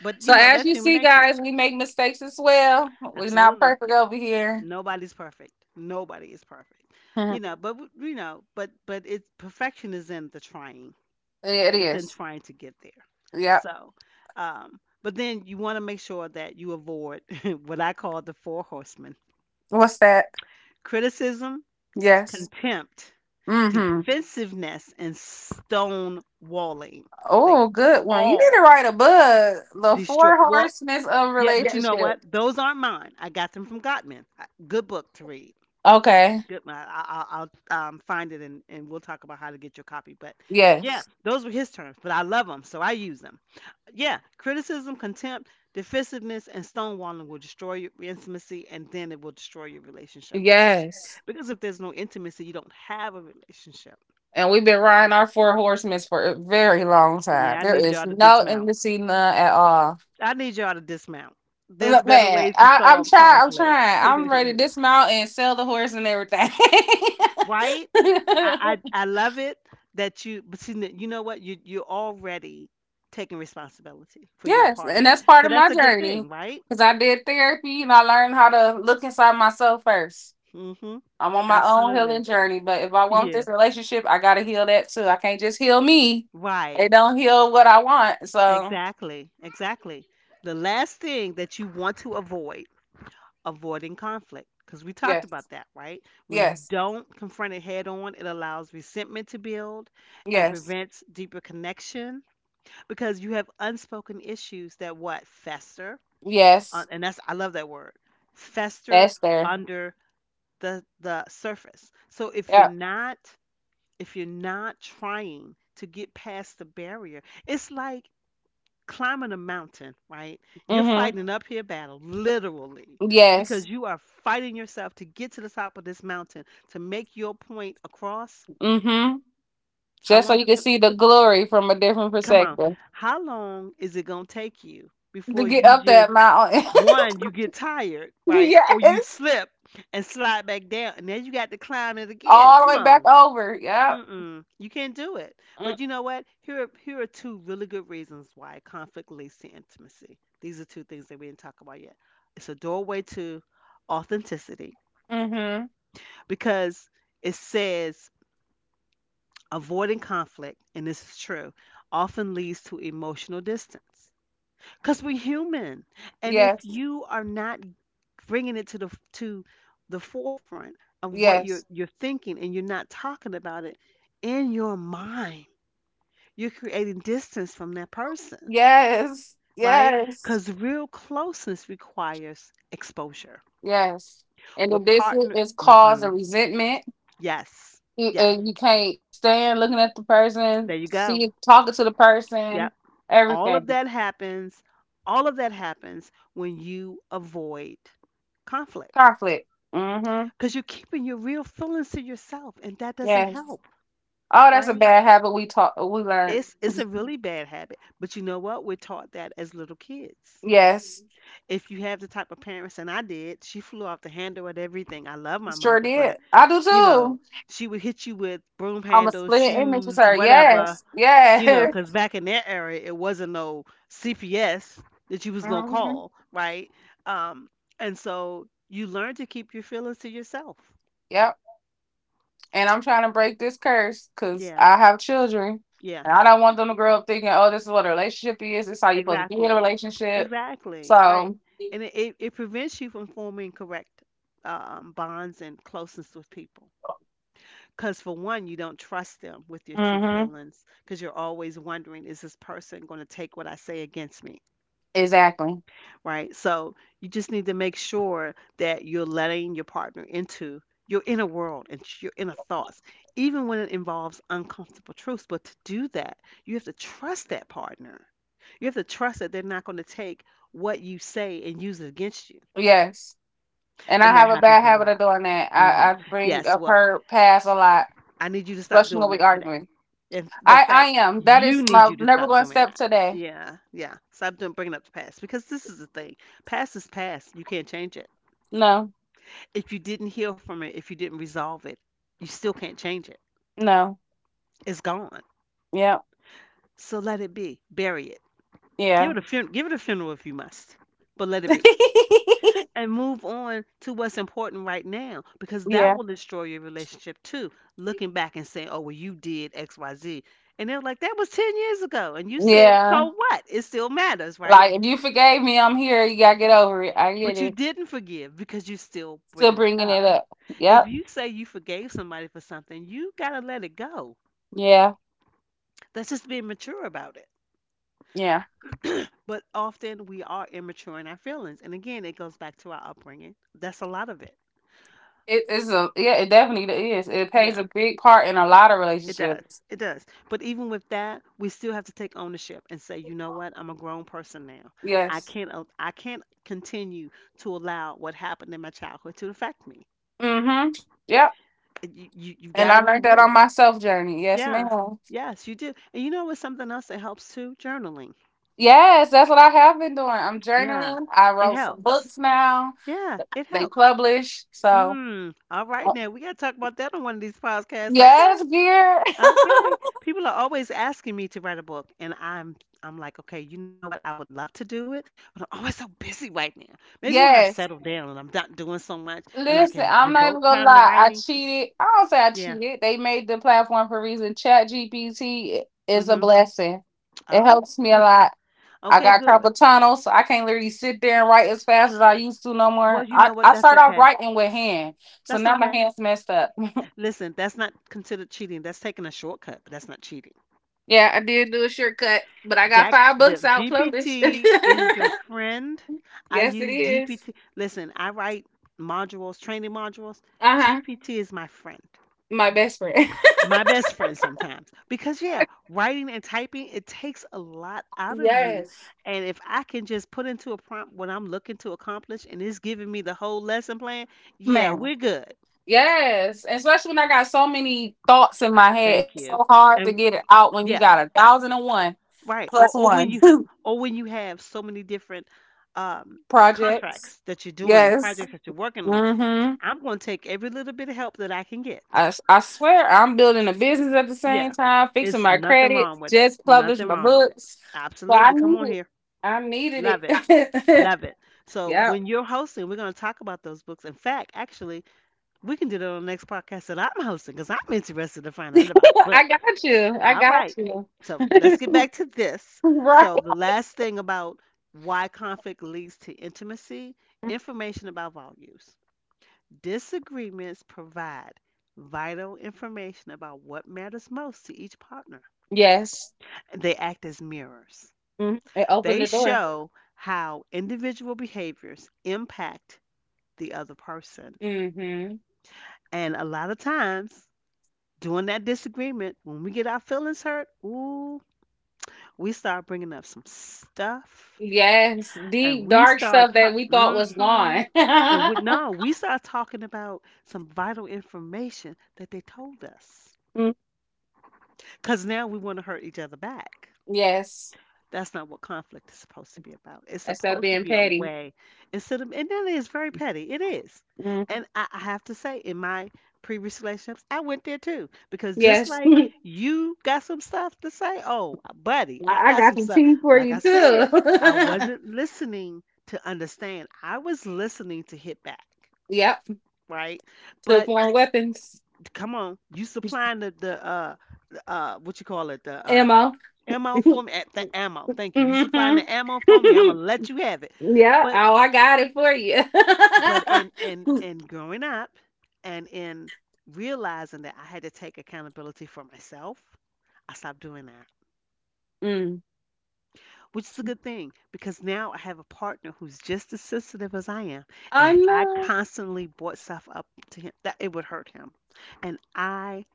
Speaker 1: But,
Speaker 2: So
Speaker 1: you know,
Speaker 2: as
Speaker 1: that's
Speaker 2: you
Speaker 1: human
Speaker 2: see,
Speaker 1: nature.
Speaker 2: guys, we make mistakes as well. We're not
Speaker 1: Absolutely.
Speaker 2: perfect over here.
Speaker 1: Nobody's perfect. Nobody is perfect. You know, but, w- you know, but, but it's perfection is in the trying,
Speaker 2: It
Speaker 1: it's in
Speaker 2: is.
Speaker 1: trying to get there.
Speaker 2: Yep.
Speaker 1: So, um, but then you want to make sure that you avoid what I call the four horsemen:
Speaker 2: What's that?
Speaker 1: criticism,
Speaker 2: Yes.
Speaker 1: contempt,
Speaker 2: Mm-hmm.
Speaker 1: defensiveness and stonewalling. They
Speaker 2: Oh, good one. You need to
Speaker 1: all
Speaker 2: write a book. The
Speaker 1: destroy.
Speaker 2: four
Speaker 1: Well,
Speaker 2: horsemen of
Speaker 1: yeah, but you know
Speaker 2: relationship.
Speaker 1: what? Those aren't mine. I got them from Gottman. I- Good book to read.
Speaker 2: Okay.
Speaker 1: Good. I, I, I'll um, find it and, and we'll talk about how to get your copy. But yeah,
Speaker 2: Yes.
Speaker 1: those were his terms, but I love them, so I use them. Yeah, criticism, contempt, defensiveness, and stonewalling will destroy your intimacy and then it will destroy your relationship.
Speaker 2: Yes.
Speaker 1: Because if there's no intimacy, you don't have a relationship.
Speaker 2: And we've been riding our four horsemen for a very long time.
Speaker 1: Yeah, I
Speaker 2: There
Speaker 1: need
Speaker 2: is
Speaker 1: y'all to
Speaker 2: no
Speaker 1: dismount.
Speaker 2: intimacy, none at all.
Speaker 1: I need y'all to dismount. There's
Speaker 2: Look,
Speaker 1: better
Speaker 2: man,
Speaker 1: ways to
Speaker 2: I, I'm
Speaker 1: solve
Speaker 2: trying. I'm
Speaker 1: conflict,
Speaker 2: trying. I'm ready to dismount and sell the horse and everything.
Speaker 1: right? I, I I love it that you, but you kn- you know what? You you're already taking responsibility for your
Speaker 2: Yes.
Speaker 1: part
Speaker 2: And
Speaker 1: in it,
Speaker 2: that's part
Speaker 1: so
Speaker 2: of my
Speaker 1: that's a good
Speaker 2: journey
Speaker 1: thing, right?
Speaker 2: because I did therapy and I learned how to look inside myself first.
Speaker 1: Mm-hmm.
Speaker 2: I'm on my own
Speaker 1: Absolutely.
Speaker 2: healing journey, but if I want
Speaker 1: Yeah.
Speaker 2: this relationship, I gotta heal that too. I can't just heal me. It
Speaker 1: Right.
Speaker 2: don't heal what I want. So
Speaker 1: Exactly. Exactly. The last thing that you want to avoid: avoiding conflict because we talked
Speaker 2: yes,
Speaker 1: about that, right? When you
Speaker 2: yes,
Speaker 1: don't confront it head on, it allows resentment to build and
Speaker 2: yes,
Speaker 1: prevents deeper connection because you have unspoken issues that what fester, uh,
Speaker 2: yes.
Speaker 1: and that's I love that word, fester
Speaker 2: That's there.
Speaker 1: under the the surface. So if you're
Speaker 2: Yep.
Speaker 1: not, if you're not trying to get past the barrier, it's like climbing a mountain, right? You're
Speaker 2: Mm-hmm.
Speaker 1: fighting an uphill battle, literally,
Speaker 2: Yes.
Speaker 1: because you are fighting yourself to get to the top of this mountain to make your point across.
Speaker 2: Mm-hmm.
Speaker 1: How
Speaker 2: Just so
Speaker 1: long
Speaker 2: you
Speaker 1: is it
Speaker 2: can
Speaker 1: going?
Speaker 2: see the glory from a different
Speaker 1: Come on,
Speaker 2: perspective.
Speaker 1: how long is it going to take you
Speaker 2: To
Speaker 1: before
Speaker 2: get
Speaker 1: you
Speaker 2: up
Speaker 1: just,
Speaker 2: that mountain.
Speaker 1: one, you get tired, right, or you
Speaker 2: Yes.
Speaker 1: slip and slide back down, and then you got to climb it again?
Speaker 2: All the
Speaker 1: Come
Speaker 2: way back
Speaker 1: on,
Speaker 2: over. Yep.
Speaker 1: mm-mm. You can't do it. But you know what? Here are, here are two really good reasons why conflict leads to intimacy. These are two things that we didn't talk about yet. It's a doorway to authenticity
Speaker 2: Mm-hmm.
Speaker 1: because it says avoiding conflict, and this is true, often leads to emotional distance. Because we're human, and if
Speaker 2: Yes.
Speaker 1: you are not bringing it to the to the forefront of what you're
Speaker 2: Yes.
Speaker 1: you're thinking, and you're not talking about it in your mind, you're creating distance from that person,
Speaker 2: Yes.
Speaker 1: right?
Speaker 2: Yes.
Speaker 1: Because real closeness requires exposure.
Speaker 2: Yes. And if
Speaker 1: With
Speaker 2: this i-
Speaker 1: partner,
Speaker 2: is cause
Speaker 1: hmm
Speaker 2: of resentment,
Speaker 1: yes,
Speaker 2: you,
Speaker 1: yes,
Speaker 2: and you can't stand looking at the person,
Speaker 1: there you go.
Speaker 2: see, talking to the person,
Speaker 1: Yep. All of
Speaker 2: everything.
Speaker 1: that happens. All of that happens when you avoid conflict
Speaker 2: Conflict. Mm-hmm.
Speaker 1: because you're keeping your real feelings to yourself, and that doesn't
Speaker 2: Yes.
Speaker 1: help,
Speaker 2: Oh, that's a
Speaker 1: right?
Speaker 2: bad habit we taught, we learned.
Speaker 1: It's it's a really bad habit, but you know what? We're taught that as little kids.
Speaker 2: Yes.
Speaker 1: If you have the type of parents, and I did, she flew off the handle at everything. I love my
Speaker 2: Sure
Speaker 1: mother,
Speaker 2: did.
Speaker 1: but
Speaker 2: I do
Speaker 1: you know,
Speaker 2: too.
Speaker 1: she would hit you with broom
Speaker 2: I'm a
Speaker 1: handles,
Speaker 2: split image
Speaker 1: shoes,
Speaker 2: sir.
Speaker 1: whatever,
Speaker 2: Yes.
Speaker 1: you know,
Speaker 2: Yes.
Speaker 1: because back in that era, it wasn't no C P S that you was gonna
Speaker 2: Mm-hmm.
Speaker 1: call, right? Um, and so you learn to keep your feelings to yourself.
Speaker 2: Yep. And I'm trying to break this curse because
Speaker 1: Yeah,
Speaker 2: I have children,
Speaker 1: yeah,
Speaker 2: and I don't want them to grow up thinking, "Oh, this is what a relationship is. This is how you supposed to be in a
Speaker 1: exactly,
Speaker 2: relationship."
Speaker 1: exactly, right.
Speaker 2: So.
Speaker 1: And it, it, it prevents you from forming correct um, bonds and closeness with people. Because for one, you don't trust them with your true
Speaker 2: hmm
Speaker 1: feelings because you're always wondering, is this person going to take what I say against me?
Speaker 2: exactly,
Speaker 1: Right. So you just need to make sure that you're letting your partner into your inner world and your inner thoughts, even when it involves uncomfortable truths. But to do that, you have to trust that partner. You have to trust that they're not going to take what you say and use it against you.
Speaker 2: yes. And I
Speaker 1: And that
Speaker 2: have a bad
Speaker 1: happens a
Speaker 2: habit of
Speaker 1: lot.
Speaker 2: doing that.
Speaker 1: Hmm.
Speaker 2: I, I bring
Speaker 1: Yes.
Speaker 2: up
Speaker 1: Well,
Speaker 2: her past a lot,
Speaker 1: I need you to stop
Speaker 2: especially when
Speaker 1: doing
Speaker 2: we
Speaker 1: that today.
Speaker 2: arguing.
Speaker 1: In, in
Speaker 2: I, I
Speaker 1: fact,
Speaker 2: am. That is
Speaker 1: you need
Speaker 2: my
Speaker 1: you to
Speaker 2: never
Speaker 1: stop
Speaker 2: going to
Speaker 1: doing
Speaker 2: step
Speaker 1: that.
Speaker 2: today.
Speaker 1: Yeah, yeah. Stop doing bringing up the past because this is the thing. Past is past. You can't change it.
Speaker 2: No,
Speaker 1: If you didn't heal from it, if you didn't resolve it, you still can't change it.
Speaker 2: no.
Speaker 1: It's gone.
Speaker 2: Yep.
Speaker 1: So let it be. Bury it. Give
Speaker 2: Yeah.
Speaker 1: it a fun- give it a funeral if you must, but let it be. And move on to what's important right now because that
Speaker 2: Yeah,
Speaker 1: will destroy your relationship too. Looking back and saying, "Oh, well, you did X, Y, Z," and they're like, "That was ten years ago," and you said,
Speaker 2: yeah.
Speaker 1: "So what? It still matters, right?"
Speaker 2: Like if you forgave me, I'm here. You gotta get over it. I get
Speaker 1: But you
Speaker 2: it.
Speaker 1: didn't forgive because you're still
Speaker 2: Still
Speaker 1: bringing it
Speaker 2: bringing it
Speaker 1: up.
Speaker 2: up.
Speaker 1: If
Speaker 2: Yep.
Speaker 1: you say you forgave somebody for something, you got to let it go.
Speaker 2: Yeah.
Speaker 1: That's just being mature about it.
Speaker 2: Yeah.
Speaker 1: But often we are immature in our feelings. And again, it goes back to our upbringing. That's a lot of it.
Speaker 2: It is a yeah. It definitely is. It plays
Speaker 1: Yeah,
Speaker 2: a big part in a lot of
Speaker 1: it does.
Speaker 2: relationships.
Speaker 1: It does. But even with that, we still have to take ownership and say, you know what? I'm a grown person now. I
Speaker 2: Yes.
Speaker 1: can't al- I can't continue to allow what happened in my childhood to affect me.
Speaker 2: Mm-hmm. Yep.
Speaker 1: You you, you
Speaker 2: And
Speaker 1: got
Speaker 2: I
Speaker 1: to
Speaker 2: learned
Speaker 1: move
Speaker 2: that on
Speaker 1: on.
Speaker 2: my self journey. Yes,
Speaker 1: Yeah.
Speaker 2: ma'am.
Speaker 1: Yes, you do. And you know what's something else that helps too? Journaling.
Speaker 2: Yes, that's what I have been doing. I'm
Speaker 1: Yeah.
Speaker 2: journaling. I
Speaker 1: It
Speaker 2: wrote some
Speaker 1: helps.
Speaker 2: books now.
Speaker 1: Yeah, it
Speaker 2: They
Speaker 1: helps.
Speaker 2: publish. So
Speaker 1: Mm. All right
Speaker 2: uh,
Speaker 1: now. We gotta talk about that on one of these podcasts. Okay.
Speaker 2: yes, dear.
Speaker 1: Okay. People are always asking me to write a book and I'm I'm like, okay, you know what? I would love to do it, but I'm always so busy right now. Maybe when I settle
Speaker 2: Yes.
Speaker 1: down and I'm not doing so much and I can
Speaker 2: Listen, I'm not
Speaker 1: devote
Speaker 2: even
Speaker 1: time
Speaker 2: gonna
Speaker 1: to
Speaker 2: lie.
Speaker 1: writing.
Speaker 2: I cheated. I don't say I
Speaker 1: Yeah.
Speaker 2: cheated. They made the platform for a reason. Chat G P T is a
Speaker 1: Mhm.
Speaker 2: blessing. It
Speaker 1: Oh.
Speaker 2: helps me a lot. I
Speaker 1: Okay,
Speaker 2: got
Speaker 1: good.
Speaker 2: carpal tunnel, so I can't literally sit there and write as fast as I used to no
Speaker 1: Well,
Speaker 2: more.
Speaker 1: you
Speaker 2: I,
Speaker 1: know what?
Speaker 2: I
Speaker 1: That's
Speaker 2: start off
Speaker 1: okay.
Speaker 2: writing with hand, so
Speaker 1: That's
Speaker 2: now my
Speaker 1: okay.
Speaker 2: hand's messed up.
Speaker 1: Listen, that's not considered cheating. That's taking a shortcut, but that's not cheating.
Speaker 2: Yeah, I did do a shortcut, but I got
Speaker 1: Jack,
Speaker 2: five books
Speaker 1: the
Speaker 2: out published.
Speaker 1: G P T is
Speaker 2: Yes,
Speaker 1: your friend. I
Speaker 2: it
Speaker 1: use
Speaker 2: is.
Speaker 1: G P T. Listen, I write modules, training modules.
Speaker 2: Uh huh.
Speaker 1: G P T is my friend,
Speaker 2: My best friend.
Speaker 1: my best friend sometimes. Because, yeah, writing and typing, it takes a lot out of you.
Speaker 2: Yes,
Speaker 1: And if I can just put into a prompt what I'm looking to accomplish and it's giving me the whole lesson plan, yeah,
Speaker 2: man.
Speaker 1: we're good.
Speaker 2: Yes, and especially when I got so many thoughts in my head.
Speaker 1: Thank
Speaker 2: It's so
Speaker 1: you.
Speaker 2: hard to
Speaker 1: And
Speaker 2: get it out when you
Speaker 1: yeah,
Speaker 2: got a thousand and one
Speaker 1: right. Or
Speaker 2: plus
Speaker 1: or when
Speaker 2: one
Speaker 1: you, or when you have so many different um
Speaker 2: projects.
Speaker 1: contracts that you're doing and
Speaker 2: Yes.
Speaker 1: projects that you're working on,
Speaker 2: Mm-hmm.
Speaker 1: I'm going to take every little bit of help that I can get.
Speaker 2: I, s- I swear I'm building a business at the same
Speaker 1: Yeah.
Speaker 2: time, fixing
Speaker 1: It's
Speaker 2: my
Speaker 1: nothing
Speaker 2: credit,
Speaker 1: wrong with it.
Speaker 2: just published
Speaker 1: Nothing
Speaker 2: my
Speaker 1: wrong with it.
Speaker 2: books. So I
Speaker 1: Absolutely. Come
Speaker 2: need
Speaker 1: on
Speaker 2: it.
Speaker 1: here.
Speaker 2: I needed
Speaker 1: Love it.
Speaker 2: it.
Speaker 1: Love it. So
Speaker 2: Yep.
Speaker 1: when you're hosting, we're going to talk about those books. In fact, actually, we can do that on the next podcast that I'm hosting because I'm interested to find out about your
Speaker 2: I
Speaker 1: book.
Speaker 2: got you. I
Speaker 1: All
Speaker 2: got
Speaker 1: right.
Speaker 2: you.
Speaker 1: So let's get back to this.
Speaker 2: Right.
Speaker 1: So, the last thing about why conflict leads to intimacy, information about values. Disagreements provide vital information about what matters most to each partner.
Speaker 2: Yes.
Speaker 1: They act as mirrors,
Speaker 2: Mhm. It opened
Speaker 1: they
Speaker 2: the door.
Speaker 1: show how individual behaviors impact the other person.
Speaker 2: Hmm.
Speaker 1: And a lot of times, during that disagreement, when we get our feelings hurt, ooh, we start bringing up some stuff
Speaker 2: Yes,
Speaker 1: and
Speaker 2: deep
Speaker 1: we
Speaker 2: dark
Speaker 1: start
Speaker 2: stuff that we thought
Speaker 1: talking
Speaker 2: was
Speaker 1: hmm
Speaker 2: gone.
Speaker 1: and we now we start talking about some vital information that they told us
Speaker 2: Mm,
Speaker 1: because now we want to hurt each other back.
Speaker 2: yes.
Speaker 1: That's not what conflict is supposed to be about. It's
Speaker 2: That's that
Speaker 1: supposed to
Speaker 2: being
Speaker 1: be a
Speaker 2: petty.
Speaker 1: way instead of, and that is very petty. It is.
Speaker 2: Mm.
Speaker 1: And I, I have to say, in my previous relationships, I went there too. Because just
Speaker 2: Yes.
Speaker 1: like you got some stuff to say, oh, buddy, I
Speaker 2: I I
Speaker 1: got
Speaker 2: got
Speaker 1: some
Speaker 2: some
Speaker 1: stuff.
Speaker 2: tea for
Speaker 1: Like I
Speaker 2: you
Speaker 1: said,
Speaker 2: too.
Speaker 1: I wasn't listening to understand, I was listening to hit back.
Speaker 2: Yep,
Speaker 1: Right.
Speaker 2: to
Speaker 1: But
Speaker 2: foreign weapons,
Speaker 1: come on, you supplying the the uh the, uh what you call it, the um
Speaker 2: ammo.
Speaker 1: ammo
Speaker 2: Hmm.
Speaker 1: for me, at the ammo. Thank you. You supplying the ammo for me. I'm gonna let you have it.
Speaker 2: Yeah,
Speaker 1: But
Speaker 2: oh, I got it for
Speaker 1: but in in
Speaker 2: you.
Speaker 1: in growing up and in realizing that I had to take accountability for myself, I stopped doing that,
Speaker 2: Mm,
Speaker 1: which is a good thing because now I have a partner who's just as sensitive as I am, and
Speaker 2: I
Speaker 1: if I
Speaker 2: know.
Speaker 1: constantly brought stuff up to him, that it would hurt him, and I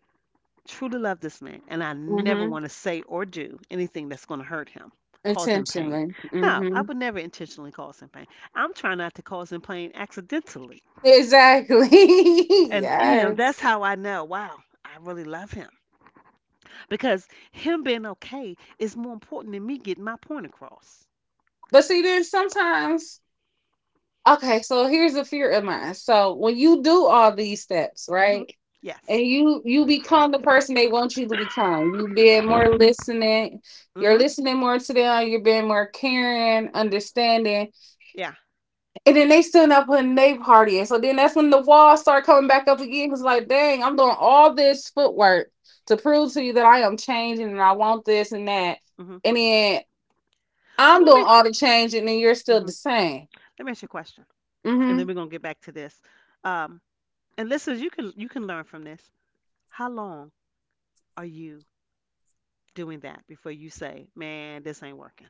Speaker 1: truly love this man, and I never
Speaker 2: Hmm.
Speaker 1: want to say or do anything that's going to hurt him, cause him pain.
Speaker 2: Intentionally.
Speaker 1: No, I
Speaker 2: Hmm.
Speaker 1: would never intentionally cause him pain. I'm trying not to cause him pain accidentally.
Speaker 2: Exactly.
Speaker 1: And, you know,
Speaker 2: Yes.
Speaker 1: that's how I know, wow, I really love him. Because him being okay is more important than me getting my point across.
Speaker 2: But see, there's sometimes. Okay, so here's a fear of mine. So when you do all these steps,
Speaker 1: hmm
Speaker 2: right? And
Speaker 1: Yes.
Speaker 2: you you become the person they want you to become. You being more listening, you're
Speaker 1: hmm
Speaker 2: listening more to them, you're being more caring, understanding.
Speaker 1: Yeah.
Speaker 2: And then they still not putting their party in. So then that's when the walls start coming back up again. It's like, dang, I'm doing all this footwork to prove to you that I am changing and I want this and that.
Speaker 1: hmm
Speaker 2: And then
Speaker 1: Well,
Speaker 2: I'm
Speaker 1: let
Speaker 2: doing
Speaker 1: me,
Speaker 2: all the changing and you're still
Speaker 1: hmm
Speaker 2: the same.
Speaker 1: let me ask you a question, and then
Speaker 2: hmm
Speaker 1: we're going to get back to this. Um, and listeners, you can, you can learn from this. How long are you doing that before you say, "Man, this ain't working."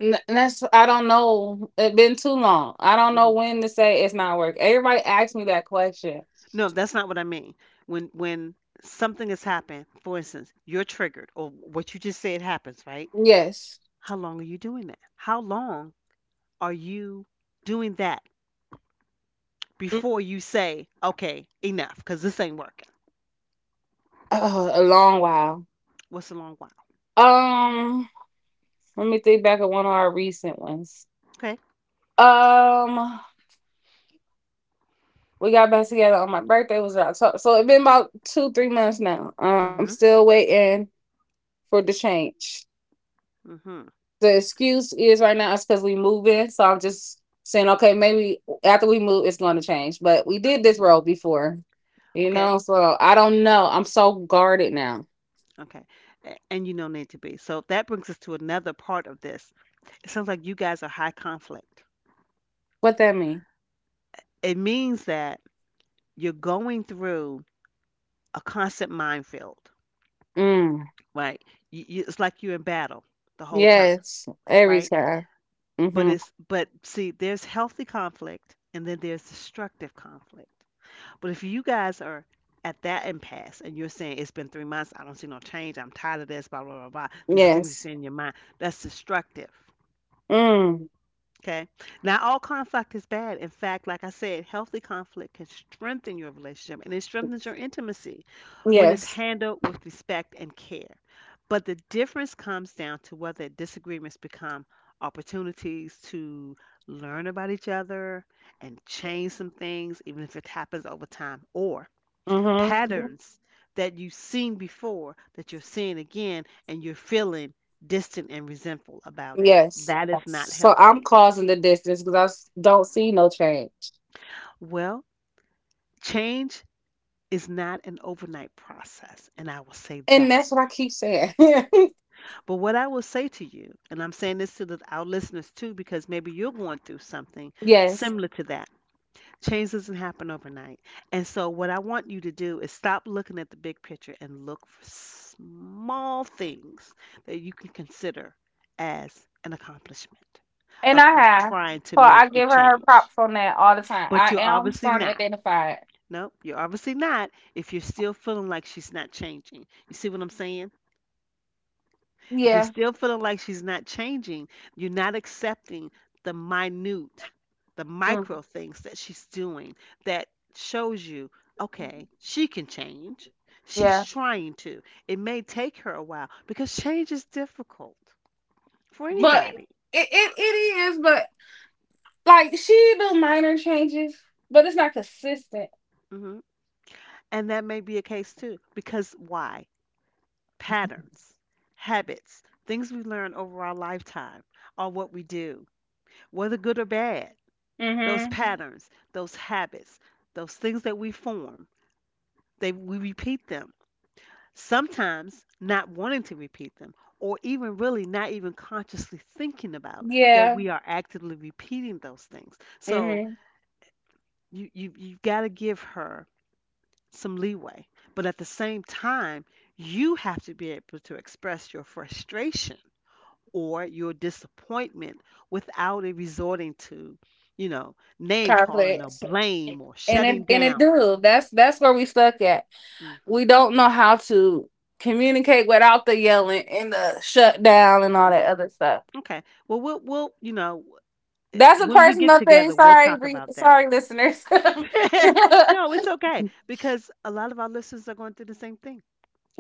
Speaker 2: N- and that's, I don't know. It's been too long. I don't know
Speaker 1: hmm
Speaker 2: when to say it's not work. Everybody asks me that question.
Speaker 1: No, that's not what I mean. When when something has happened, for instance, you're triggered, or what you just said happens, right?
Speaker 2: Yes.
Speaker 1: How long are you doing that? How long are you doing that
Speaker 2: Mm.
Speaker 1: before you say, "Okay, enough," because this ain't working?
Speaker 2: Uh, a long while.
Speaker 1: What's a long while?
Speaker 2: Um, Let me think back of one of our recent ones.
Speaker 1: Okay.
Speaker 2: Um, we got back together on my birthday. Was out. So so it's been about two three months now. Uh, I'm
Speaker 1: Mhm.
Speaker 2: still waiting for the change.
Speaker 1: Mhm.
Speaker 2: The excuse is right now is because we moving. So I'm just saying, okay, maybe after we move, it's going to
Speaker 1: Mhm.
Speaker 2: change. But we did this
Speaker 1: Mhm.
Speaker 2: road before, you
Speaker 1: Okay.
Speaker 2: know. So I don't know. I'm so guarded now.
Speaker 1: Okay. A- And you don't need to be. So that brings us to another part of this. It sounds like you guys are high conflict.
Speaker 2: What that mean?
Speaker 1: It means that you're going through a constant minefield,
Speaker 2: Mm.
Speaker 1: right? You, you, it's like you're in battle the whole time,
Speaker 2: Yes, every
Speaker 1: right?
Speaker 2: time.
Speaker 1: But
Speaker 2: Mm-hmm.
Speaker 1: it's, but see, there's healthy conflict and then there's destructive conflict. But if you guys are at that impasse and you're saying it's been three months, I don't see no change, I'm tired of this, blah blah blah blah. These are things you
Speaker 2: Yes.
Speaker 1: say in your mind. That's destructive.
Speaker 2: Mm.
Speaker 1: Okay. Not all conflict is bad. In fact, like I said, healthy conflict can strengthen your relationship and it strengthens your intimacy when it's
Speaker 2: Yes.
Speaker 1: handled with respect and care. But the difference comes down to whether disagreements become opportunities to learn about each other and change some things, even if it happens over time, or
Speaker 2: Mm-hmm.
Speaker 1: patterns that you've seen before that you're seeing again and you're feeling distant and resentful about it.
Speaker 2: Yes.
Speaker 1: That is not
Speaker 2: So I'm
Speaker 1: healthy.
Speaker 2: causing the distance because I s- don't see no change,
Speaker 1: Well, change is not an overnight process, and I will say
Speaker 2: and
Speaker 1: that.
Speaker 2: that's what I keep saying.
Speaker 1: But what I will say to you, and I'm saying this to the, our listeners too, because maybe you're going through something
Speaker 2: Yes.
Speaker 1: similar to that. Change doesn't happen overnight. And so, what I want you to do is stop looking at the big picture and look for small things that you can consider as an accomplishment
Speaker 2: And
Speaker 1: of
Speaker 2: I
Speaker 1: her
Speaker 2: have.
Speaker 1: trying to
Speaker 2: So
Speaker 1: make
Speaker 2: I
Speaker 1: a
Speaker 2: give her her
Speaker 1: change.
Speaker 2: props on that all the time.
Speaker 1: But
Speaker 2: I
Speaker 1: you're
Speaker 2: am
Speaker 1: obviously
Speaker 2: starting to
Speaker 1: not.
Speaker 2: identify it.
Speaker 1: Nope, you're obviously not if you're still feeling like she's not changing. You see what I'm saying? If you're
Speaker 2: Yeah.
Speaker 1: still feeling like she's not changing, you're not accepting the minute, the
Speaker 2: Mm,
Speaker 1: micro things that she's doing that shows you, okay, she can change. She's
Speaker 2: yeah.
Speaker 1: trying to. It may take her a while because change is difficult for
Speaker 2: But it,
Speaker 1: anybody.
Speaker 2: it, it is, but like she do minor changes, but it's not consistent.
Speaker 1: hmm And that may be a case too. Because why? Patterns, habits, things we learn over our lifetime are what we do, whether good or bad. Those
Speaker 2: Mm-hmm.
Speaker 1: patterns, those habits, those things that we form, they we repeat them. Sometimes not wanting to repeat them, or even really not even consciously thinking about that
Speaker 2: Yeah.
Speaker 1: we are actively repeating those things. So
Speaker 2: Mm-hmm.
Speaker 1: you you you've got to give her some leeway, but at the same time, you have to be able to express your frustration or your disappointment without it resorting to, you know, name calling or
Speaker 2: Conflicts.
Speaker 1: blame or
Speaker 2: And it
Speaker 1: shutting
Speaker 2: and it
Speaker 1: down.
Speaker 2: do. That's that's where we stuck at.
Speaker 1: hmm
Speaker 2: We don't know how to communicate without the yelling and the shutdown and all
Speaker 1: hmm
Speaker 2: that other stuff.
Speaker 1: Okay. Well, we'll we'll you know eh,
Speaker 2: That's a
Speaker 1: when we get
Speaker 2: personal thing.
Speaker 1: together, we'll
Speaker 2: Sorry,
Speaker 1: talk
Speaker 2: re-
Speaker 1: about that.
Speaker 2: sorry, listeners.
Speaker 1: no, it's okay because a lot of our listeners are going through the same thing,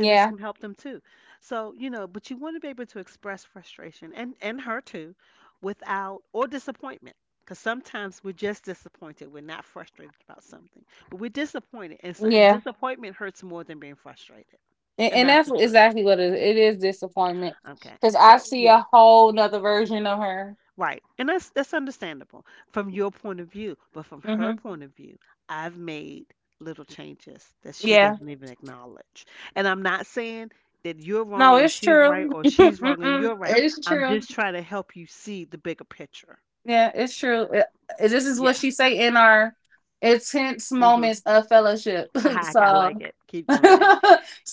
Speaker 1: and this can help them too. So, you know, but you want to be able to express frustration, and and her too, without, or disappointment. Because sometimes we're just disappointed. We're not frustrated about something, but we're disappointed, and, so, and
Speaker 2: yeah,
Speaker 1: disappointment hurts more than being frustrated,
Speaker 2: and,
Speaker 1: and
Speaker 2: and
Speaker 1: that's
Speaker 2: that's
Speaker 1: the truth.
Speaker 2: exactly what it is. It is disappointment
Speaker 1: Okay,
Speaker 2: because I
Speaker 1: so
Speaker 2: see
Speaker 1: yeah,
Speaker 2: a whole nother version of her.
Speaker 1: right. And that's that's understandable from your point of view, but from her
Speaker 2: Hmm.
Speaker 1: point of view, I've made little changes that she
Speaker 2: Yeah,
Speaker 1: doesn't even acknowledge. And I'm not saying that you're
Speaker 2: no,
Speaker 1: wrong and
Speaker 2: it's
Speaker 1: she's right
Speaker 2: true.
Speaker 1: or she's wrong and you're
Speaker 2: Mm-mm.
Speaker 1: right.
Speaker 2: It's
Speaker 1: I'm
Speaker 2: true.
Speaker 1: just trying to help you see the bigger picture.
Speaker 2: Yeah, it's true. It- it- this is what
Speaker 1: Yeah.
Speaker 2: she say in our intense
Speaker 1: Mhm.
Speaker 2: moments of fellowship.
Speaker 1: Haha, I like
Speaker 2: So.
Speaker 1: it. Keep doing that.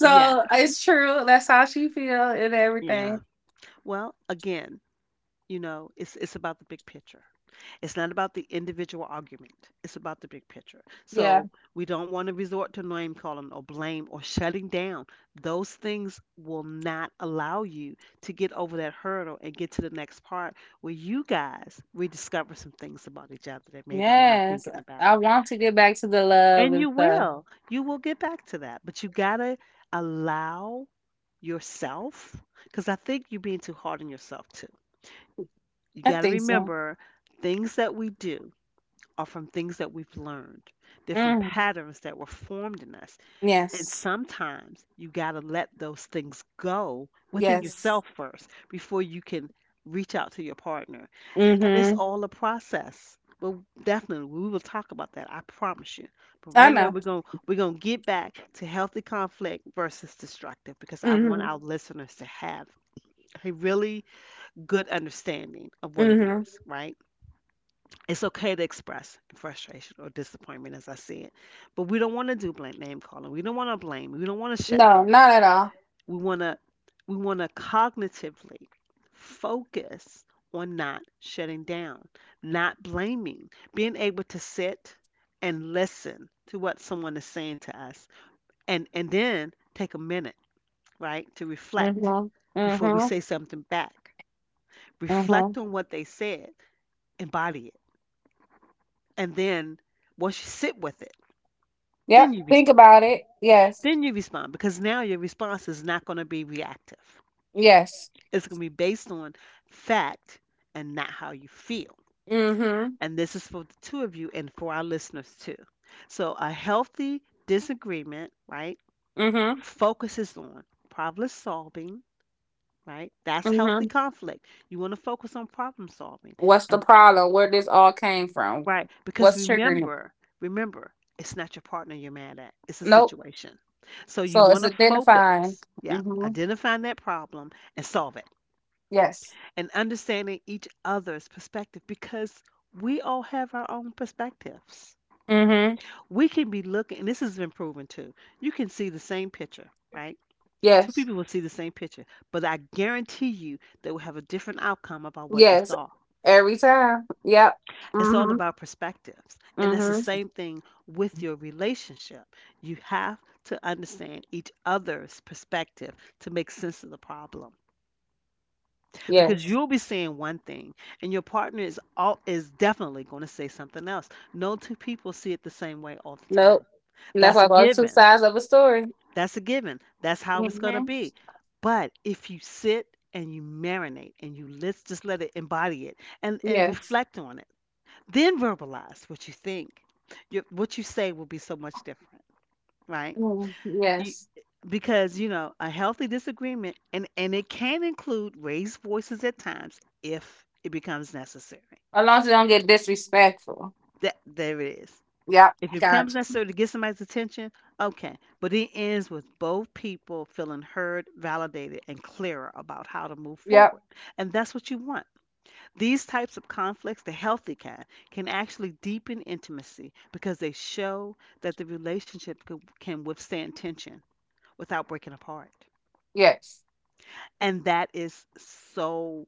Speaker 1: Yes.
Speaker 2: it's true. That's how she feel and
Speaker 1: Yeah.
Speaker 2: everything.
Speaker 1: Well, again, you know, it's it's about the big picture. It's not about the individual argument. It's about the big picture.
Speaker 2: Yeah.
Speaker 1: So we don't want to resort to name calling or blame or shutting down. Those things will not allow you to get over that hurdle and get to the next part where you guys rediscover some things about each other that maybe you're not
Speaker 2: Yes,
Speaker 1: thinking about.
Speaker 2: I want to get back to the love
Speaker 1: And
Speaker 2: and
Speaker 1: you
Speaker 2: stuff.
Speaker 1: will. You will get back to that. But you got to allow yourself, because I think you're being too hard on yourself too. You
Speaker 2: I
Speaker 1: got to
Speaker 2: think so.
Speaker 1: remember, things that we do are from things that we've learned. They're from
Speaker 2: Mm.
Speaker 1: patterns that were formed in us. And
Speaker 2: Yes.
Speaker 1: sometimes you got to let those things go within
Speaker 2: Yes.
Speaker 1: yourself first before you can reach out to your partner. And it's
Speaker 2: Mhm.
Speaker 1: all a process. Well, definitely, we will talk about that. I promise you. But
Speaker 2: I
Speaker 1: right now,
Speaker 2: know.
Speaker 1: we're gonna we're gonna get back to healthy conflict versus destructive because I want
Speaker 2: Mhm.
Speaker 1: our listeners to have a really good understanding of what it
Speaker 2: Mhm.
Speaker 1: is, right? It's okay to express frustration or disappointment, as I said, but we don't want to do blame, name calling. We don't want to blame. We don't want to shut
Speaker 2: No,
Speaker 1: down.
Speaker 2: not at all.
Speaker 1: We want to we want to cognitively focus on not shutting down, not blaming, being able to sit and listen to what someone is saying to us, and and then take a minute, right, to reflect
Speaker 2: Mhm.
Speaker 1: before we
Speaker 2: Mhm.
Speaker 1: say something back. Reflect
Speaker 2: Mhm.
Speaker 1: on what they said, embody it, and then once you sit with it, then
Speaker 2: Yep.
Speaker 1: you
Speaker 2: Think
Speaker 1: respond.
Speaker 2: about it. Yes.
Speaker 1: Then you respond because now your response is not going to be reactive.
Speaker 2: Yes.
Speaker 1: It's going to be based on fact and not how you feel.
Speaker 2: Mhm.
Speaker 1: And this is for the two of you and for our listeners too. So, a healthy disagreement, right,
Speaker 2: Mhm.
Speaker 1: focuses on problem solving, right? That's healthy
Speaker 2: Mhm.
Speaker 1: conflict. You want to focus on problem solving,
Speaker 2: What's the
Speaker 1: and
Speaker 2: problem? Where this all came from?
Speaker 1: right. Because
Speaker 2: What's triggering it?
Speaker 1: remember, remember, it's not your partner you're mad at. It's a
Speaker 2: Nope.
Speaker 1: situation. So you
Speaker 2: So it's
Speaker 1: want to
Speaker 2: identifying.
Speaker 1: focus. Yeah.
Speaker 2: Mhm.
Speaker 1: Identifying that problem and solve it.
Speaker 2: Yes.
Speaker 1: And understanding each other's perspective because we all have our own perspectives.
Speaker 2: Mhm.
Speaker 1: We can be looking, and this has been proven too. You can see the same picture, right? Two
Speaker 2: Yes.
Speaker 1: people will see the same picture, but I guarantee you they will have a different outcome about what they
Speaker 2: Yes.
Speaker 1: saw.
Speaker 2: Every time. Yep.
Speaker 1: It's all
Speaker 2: Mhm.
Speaker 1: about perspectives. And that's the
Speaker 2: Mhm.
Speaker 1: same thing with your relationship. You have to understand each other's perspective to make sense of the problem. Because
Speaker 2: Yes.
Speaker 1: you'll be saying one thing and your partner is all is definitely going to say something else. No two people see it the same way all the
Speaker 2: Nope.
Speaker 1: time.
Speaker 2: And that's
Speaker 1: That's a
Speaker 2: like all two
Speaker 1: given.
Speaker 2: sides of a story.
Speaker 1: That's a given. That's how it's going to
Speaker 2: Mm-hmm.
Speaker 1: be. But if you sit and you marinate and you let's just let it, embody it, and and
Speaker 2: Yes.
Speaker 1: reflect on it, then verbalize what you think. Your, what you say will be so much different, right?
Speaker 2: Mm,
Speaker 1: You,
Speaker 2: yes.
Speaker 1: because you know a healthy disagreement, and and it can include raised voices at times if it becomes necessary.
Speaker 2: As long as you don't get disrespectful.
Speaker 1: That there it is.
Speaker 2: Yep.
Speaker 1: If it becomes
Speaker 2: Gotcha.
Speaker 1: necessary to get somebody's attention, okay. But it ends with both people feeling heard, validated, and clearer about how to move
Speaker 2: Yep.
Speaker 1: forward. And that's what you want. These types of conflicts, the healthy kind, can actually deepen intimacy because they show that the relationship can can withstand tension without breaking apart.
Speaker 2: Yes.
Speaker 1: And that is so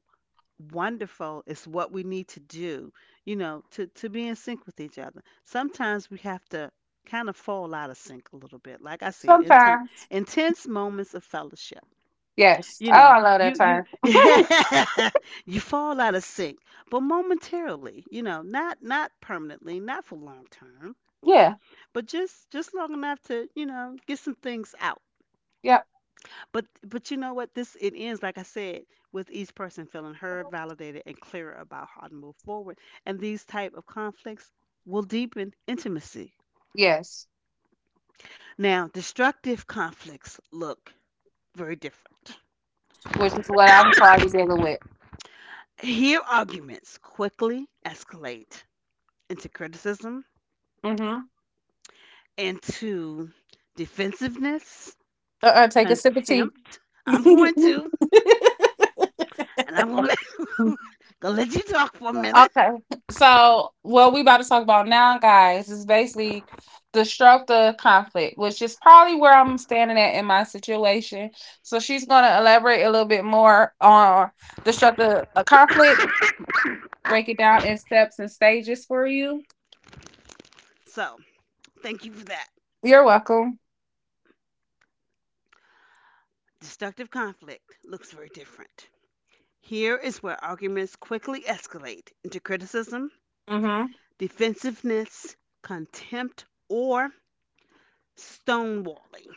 Speaker 1: wonderful. It's what we need to do, you know, to, to be in sync with each other. Sometimes we have to kind of fall out of sync a little bit. Like I said, inten-
Speaker 2: Sometimes.
Speaker 1: intense moments of fellowship.
Speaker 2: Yes.
Speaker 1: you
Speaker 2: Oh,
Speaker 1: know,
Speaker 2: I love
Speaker 1: you
Speaker 2: that
Speaker 1: you
Speaker 2: term.
Speaker 1: yeah, you fall out of sync, but momentarily, you know, not not permanently, not for long term,
Speaker 2: Yeah.
Speaker 1: but just just long enough to, you know, get some things out.
Speaker 2: Yep.
Speaker 1: But but you know what? This it ends like I said with each person feeling heard, validated, and clearer about how to move forward. And these type of conflicts will deepen intimacy.
Speaker 2: Yes.
Speaker 1: Now, destructive conflicts look very different.
Speaker 2: Which is what I'm probably dealing with.
Speaker 1: Here, arguments quickly escalate into criticism,
Speaker 2: Mm-hmm.
Speaker 1: into defensiveness,
Speaker 2: Uh-uh. Take a sip of tea.
Speaker 1: contempt. I'm going to, and I'm gonna let, Gonna let you talk for a minute.
Speaker 2: Okay. So what we about to talk about now, guys, is basically destructive conflict, which is probably where I'm standing at in my situation. So she's gonna elaborate a little bit more on destructive uh, conflict, break it down in steps and stages for you.
Speaker 1: So, thank you for that.
Speaker 2: You're welcome.
Speaker 1: Destructive conflict looks very different. Here is where arguments quickly escalate into criticism,
Speaker 2: Mm-hmm.
Speaker 1: defensiveness, contempt, or stonewalling.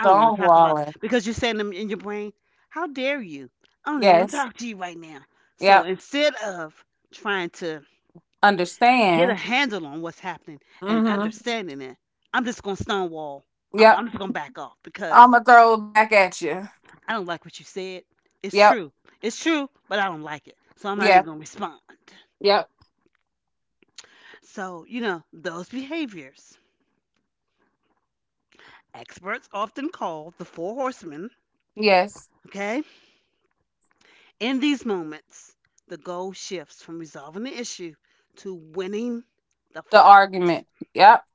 Speaker 1: I don't want to talk about because you're saying them in your brain, how dare you? I don't even want to
Speaker 2: Yes.
Speaker 1: talk to you right now. So
Speaker 2: Yep.
Speaker 1: instead of trying to get a
Speaker 2: Understand.
Speaker 1: handle on what's happening and
Speaker 2: Mm-hmm.
Speaker 1: understanding it. I'm just gonna stonewall. I'm,
Speaker 2: Yep.
Speaker 1: I'm just gonna back off because
Speaker 2: I'ma throw it back at you.
Speaker 1: I don't like what you said. It's
Speaker 2: Yep.
Speaker 1: true. It's true, but I don't like it. So I'm not even
Speaker 2: Yeah.
Speaker 1: gonna respond.
Speaker 2: Yep.
Speaker 1: So, you know, those behaviors. Experts often called the four horsemen,
Speaker 2: Yes.
Speaker 1: okay? In these moments, the goal shifts from resolving the issue to winning the
Speaker 2: The
Speaker 1: fight.
Speaker 2: argument. Yep.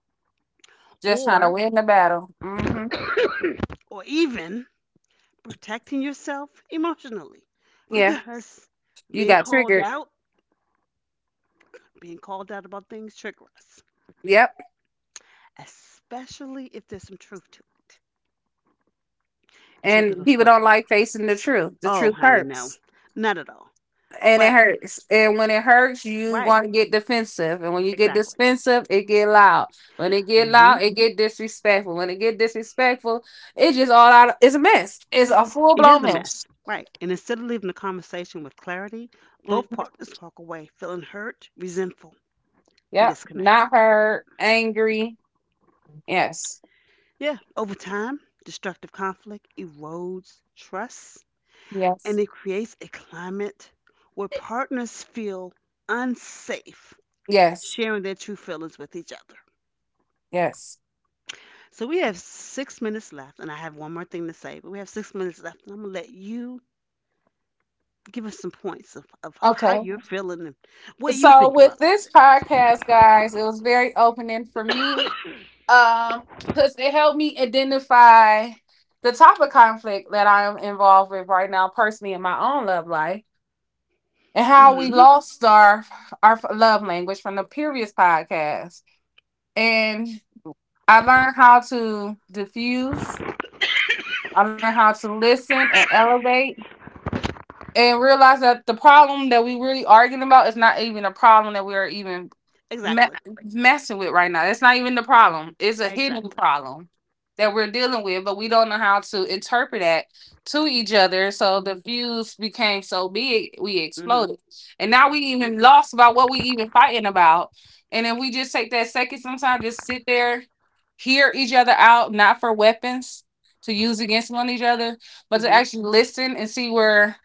Speaker 2: Just trying to
Speaker 1: Or
Speaker 2: win the battle. Hmm.
Speaker 1: or even protecting yourself emotionally
Speaker 2: Yeah,
Speaker 1: because
Speaker 2: you
Speaker 1: being
Speaker 2: got
Speaker 1: called
Speaker 2: triggered.
Speaker 1: out, being called out about things trigger us,
Speaker 2: Yep.
Speaker 1: especially if there's some truth to it. It triggers
Speaker 2: And
Speaker 1: us
Speaker 2: people don't
Speaker 1: quickly.
Speaker 2: like facing the truth. The
Speaker 1: Oh,
Speaker 2: truth
Speaker 1: honey, no,
Speaker 2: hurts,
Speaker 1: not at all.
Speaker 2: and it
Speaker 1: But
Speaker 2: hurts. And when it hurts, you
Speaker 1: right,
Speaker 2: want to get defensive. And when you get
Speaker 1: exactly.
Speaker 2: defensive, it get loud. When it get loud,
Speaker 1: Hmm.
Speaker 2: it get disrespectful. When it get disrespectful, it just all out. It's a mess. It's a full
Speaker 1: It is
Speaker 2: blown
Speaker 1: a mess.
Speaker 2: mess.
Speaker 1: Right. And instead of leaving the conversation with clarity, both
Speaker 2: Mhm.
Speaker 1: partners walk away feeling hurt, resentful, and
Speaker 2: Yep.
Speaker 1: disconnected.
Speaker 2: Not hurt. Angry. Yes.
Speaker 1: Yeah, over time, destructive conflict erodes trust and
Speaker 2: Yes.
Speaker 1: it creates a climate where partners feel unsafe
Speaker 2: Yes.
Speaker 1: sharing their true feelings with each other.
Speaker 2: Yes.
Speaker 1: So we have six minutes left, and I have one more thing to say, but we have six minutes left, and I'm gonna let you give us some points of, of, of how
Speaker 2: Okay.
Speaker 1: you're feeling and what you
Speaker 2: So
Speaker 1: think
Speaker 2: with
Speaker 1: about all
Speaker 2: this
Speaker 1: this.
Speaker 2: podcast, guys, it was very opening for me, um because it helped me identify the type of conflict that I am involved with right now personally in my own love life, and how we
Speaker 1: Hmm.
Speaker 2: lost our our love language from the previous podcast, and I learned how to diffuse. I learned how to listen and elevate, and realize that the problem that we really arguing about is not even a problem that we're even me-
Speaker 1: Exactly.
Speaker 2: messing with right now. That's not even the problem. It's a hidden
Speaker 1: Exactly.
Speaker 2: problem that we're dealing with, but we don't know how to interpret that to each other. So the
Speaker 1: Hmm.
Speaker 2: fuse became so big, we
Speaker 1: Hmm.
Speaker 2: exploded. And now we even
Speaker 1: Absolutely.
Speaker 2: lost about what we even fighting about. And if we just take that second sometimes, just sit there, hear each other out, not for weapons to use against one each other, but to
Speaker 1: Hmm.
Speaker 2: actually listen and see where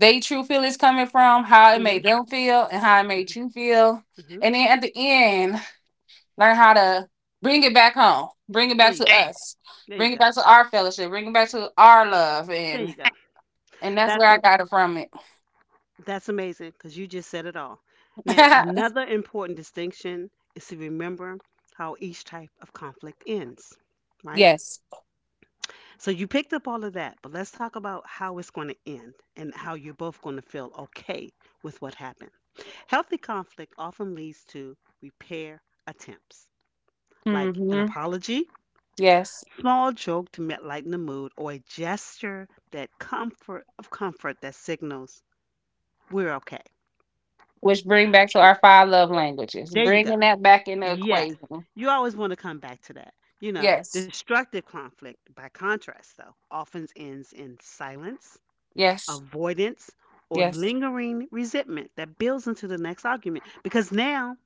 Speaker 2: they true feelings coming from, how it
Speaker 1: Hmm. Hmm.
Speaker 2: made them feel, and how it made you feel.
Speaker 1: Hmm.
Speaker 2: And then at the end, learn how to bring it back home, bring it
Speaker 1: There
Speaker 2: back to
Speaker 1: you go.
Speaker 2: us,
Speaker 1: There you
Speaker 2: bring it
Speaker 1: go.
Speaker 2: back to our fellowship, bring it back to our love,
Speaker 1: There
Speaker 2: and
Speaker 1: you go.
Speaker 2: and that's where
Speaker 1: That's
Speaker 2: I got it from it.
Speaker 1: That's amazing because you just said it all. Now, another important distinction is to remember how each type of conflict ends, right?
Speaker 2: Yes.
Speaker 1: So you picked up all of that, but let's talk about how it's going to end and how you're both going to feel okay with what happened. Healthy conflict often leads to repair attempts, like an
Speaker 2: Hmm.
Speaker 1: apology,
Speaker 2: Yes.
Speaker 1: small joke to me- lighten the mood, or a gesture that comfort of comfort that signals we're okay.
Speaker 2: Which bring back to our five love languages,
Speaker 1: There you go.
Speaker 2: bringing that back in the
Speaker 1: Yes.
Speaker 2: equation.
Speaker 1: You always want to come back to that. You know,
Speaker 2: Yes.
Speaker 1: destructive conflict, by contrast, though, often ends in silence,
Speaker 2: Yes.
Speaker 1: avoidance, or
Speaker 2: Yes.
Speaker 1: lingering resentment that builds into the next argument because now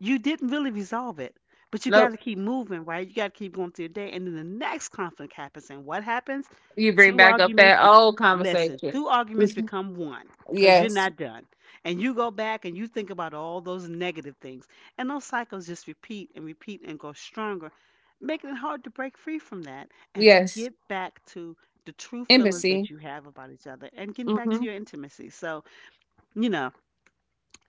Speaker 1: you didn't really resolve it, but you got
Speaker 2: Nope.
Speaker 1: to keep moving, right? You got to keep going through your day, and then the next conflict happens, and what happens?
Speaker 2: You bring
Speaker 1: Two
Speaker 2: back up
Speaker 1: arguments.
Speaker 2: that
Speaker 1: Bec-
Speaker 2: old
Speaker 1: Listen,
Speaker 2: conversation.
Speaker 1: two arguments
Speaker 2: Mhm.
Speaker 1: become one because you're
Speaker 2: Yes.
Speaker 1: not done, and you go back and you think about all those negative things, and those cycles just repeat and repeat and go stronger, making it hard to break free from that and to
Speaker 2: Yes.
Speaker 1: get back to the true feelings
Speaker 2: Embassy.
Speaker 1: that you have about each other and getting back to
Speaker 2: Mhm.
Speaker 1: your intimacy. So, you know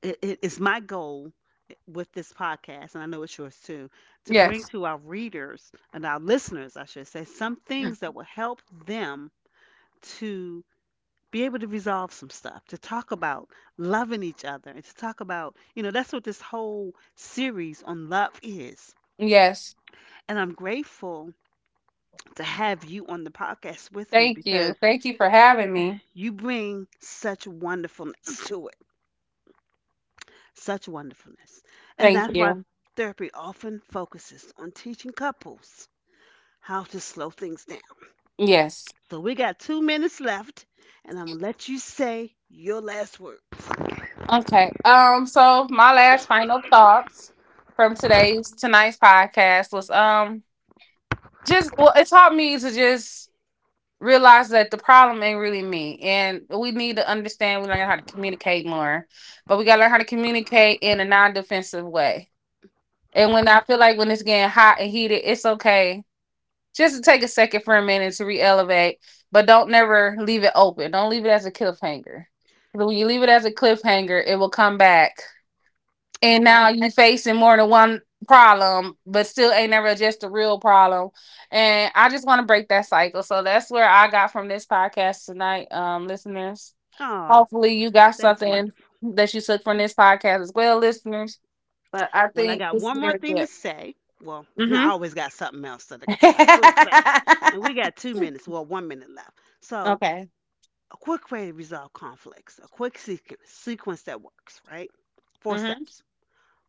Speaker 1: it, it is my goal eh, with this podcast, and I know it's yours too, to bring
Speaker 2: Yes.
Speaker 1: to our readers and our listeners, I should say, some things that will help them to be able to resolve some stuff, to talk about loving each other, and to talk about, you know, that's what this whole series on love is.
Speaker 2: Yes.
Speaker 1: And I'm grateful to have you on the podcast with me
Speaker 2: Thank you.
Speaker 1: because
Speaker 2: Thank you for having me.
Speaker 1: you bring such wonderfulness to it such wonderfulness. And
Speaker 2: Thank
Speaker 1: that's why
Speaker 2: you.
Speaker 1: therapy often focuses on teaching couples how to slow things down.
Speaker 2: Yes.
Speaker 1: So we got two minutes left, and I'm gonna let you say your last words.
Speaker 2: Okay. Um so my last final thoughts from today's tonight's podcast was, um just, well, it taught me to just realize that the problem ain't really me and we need to understand we learn how to communicate more. But we got to learn how to communicate in a non-defensive way. And when I feel like when it's getting hot and heated, it's okay just to take a second for a minute to re-elevate, but don't never leave it open. Don't leave it as a cliffhanger. But when you leave it as a cliffhanger, it will come back. And now
Speaker 1: Alrighty.
Speaker 2: you are facing more than one problem, but still ain't never just the real problem. And I just want to break that cycle. So that's where I got from this podcast tonight, um, listeners.
Speaker 1: Oh,
Speaker 2: Hopefully you got
Speaker 1: that's
Speaker 2: something
Speaker 1: wonderful.
Speaker 2: that you took from this podcast as well, listeners. But I
Speaker 1: Well, I
Speaker 2: think
Speaker 1: got
Speaker 2: this is
Speaker 1: one more
Speaker 2: very
Speaker 1: thing to
Speaker 2: good.
Speaker 1: say. Well, I
Speaker 2: Mm-hmm.
Speaker 1: always got something else that I that I could say. And we got two minutes, well, one minute left. So,
Speaker 2: Okay.
Speaker 1: a quick way to resolve conflicts, a quick sequ- sequence that works, right? Four
Speaker 2: Mm-hmm.
Speaker 1: steps.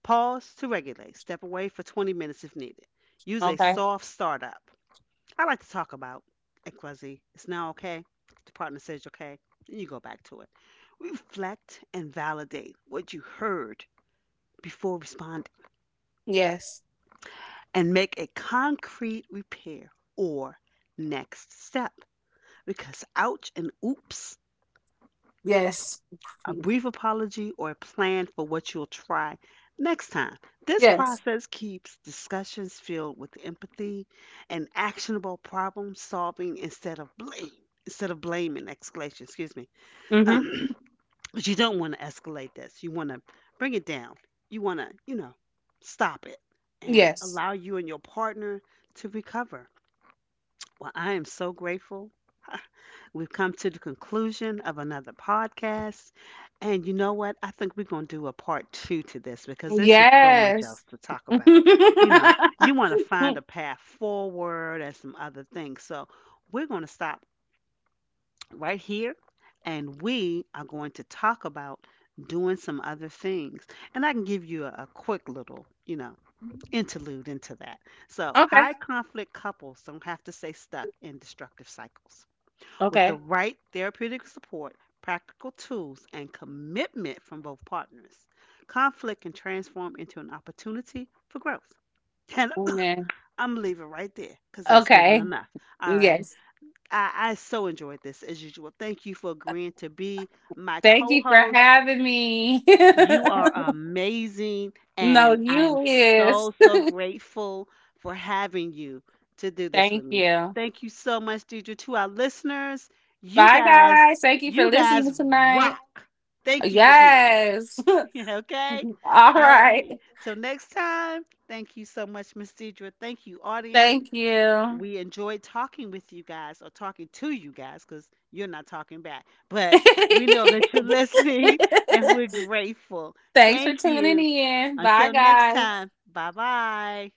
Speaker 1: Pause to regulate. Step away for twenty minutes if needed. Use a
Speaker 2: Okay.
Speaker 1: soft startup. I like to talk about X Y Z. It's now okay. The partner says okay. Then you go back to it. Reflect and validate what you heard before responding
Speaker 2: Yes.
Speaker 1: and make a concrete repair or next step because ouch and oops
Speaker 2: Yes.
Speaker 1: a brief apology, or a plan for what you'll try next time. This
Speaker 2: Yes.
Speaker 1: process keeps discussions filled with empathy and actionable problem solving instead of blame. Instead of blaming, escalation. Excuse me.
Speaker 2: Hmm.
Speaker 1: But you don't want to escalate this. You want to bring it down. You want to, you know, stop it and
Speaker 2: Yes.
Speaker 1: allow you and your partner to recover. Well, I am so grateful. We've come to the conclusion of another podcast. And you know what? I think we're going to do a part two to this because there's just so much else
Speaker 2: Yes.
Speaker 1: to talk about. You know, you want to find a path forward and some other things. So we're going to stop right here and we are going to talk about doing some other things. And I can give you a, a quick little, you know, interlude into that. So
Speaker 2: Okay.
Speaker 1: high conflict couples don't have to stay stuck in destructive cycles. With the
Speaker 2: Okay.
Speaker 1: right therapeutic support, practical tools, and commitment from both partners, conflict can transform into an opportunity for growth.
Speaker 2: Amen.
Speaker 1: And I'm leaving right there because that's given
Speaker 2: Okay.
Speaker 1: enough. All right.
Speaker 2: Yes.
Speaker 1: I, I so enjoyed this as usual. Thank you for agreeing to be my
Speaker 2: Thank
Speaker 1: co
Speaker 2: you for
Speaker 1: host.
Speaker 2: having me.
Speaker 1: You are amazing,
Speaker 2: No,
Speaker 1: and I am
Speaker 2: you is.
Speaker 1: so, so grateful for having you to do this
Speaker 2: Thank
Speaker 1: with me.
Speaker 2: you.
Speaker 1: Thank you so much, Deidre. To our listeners, you
Speaker 2: Bye,
Speaker 1: guys,
Speaker 2: guys. Thank you for
Speaker 1: you
Speaker 2: listening
Speaker 1: guys
Speaker 2: tonight.
Speaker 1: rock. Thank you for hearing
Speaker 2: Yes.
Speaker 1: us. okay?
Speaker 2: All
Speaker 1: All
Speaker 2: right.
Speaker 1: righty. Till next time, thank you so much, Miss Deidre. Thank you, audience
Speaker 2: Thank you.
Speaker 1: we enjoyed talking with you guys or talking to you guys because you're not talking back. But we know that you're listening and we're grateful.
Speaker 2: Thanks for
Speaker 1: Thank
Speaker 2: tuning
Speaker 1: you.
Speaker 2: in. Bye,
Speaker 1: Until next
Speaker 2: guys.
Speaker 1: time, bye bye.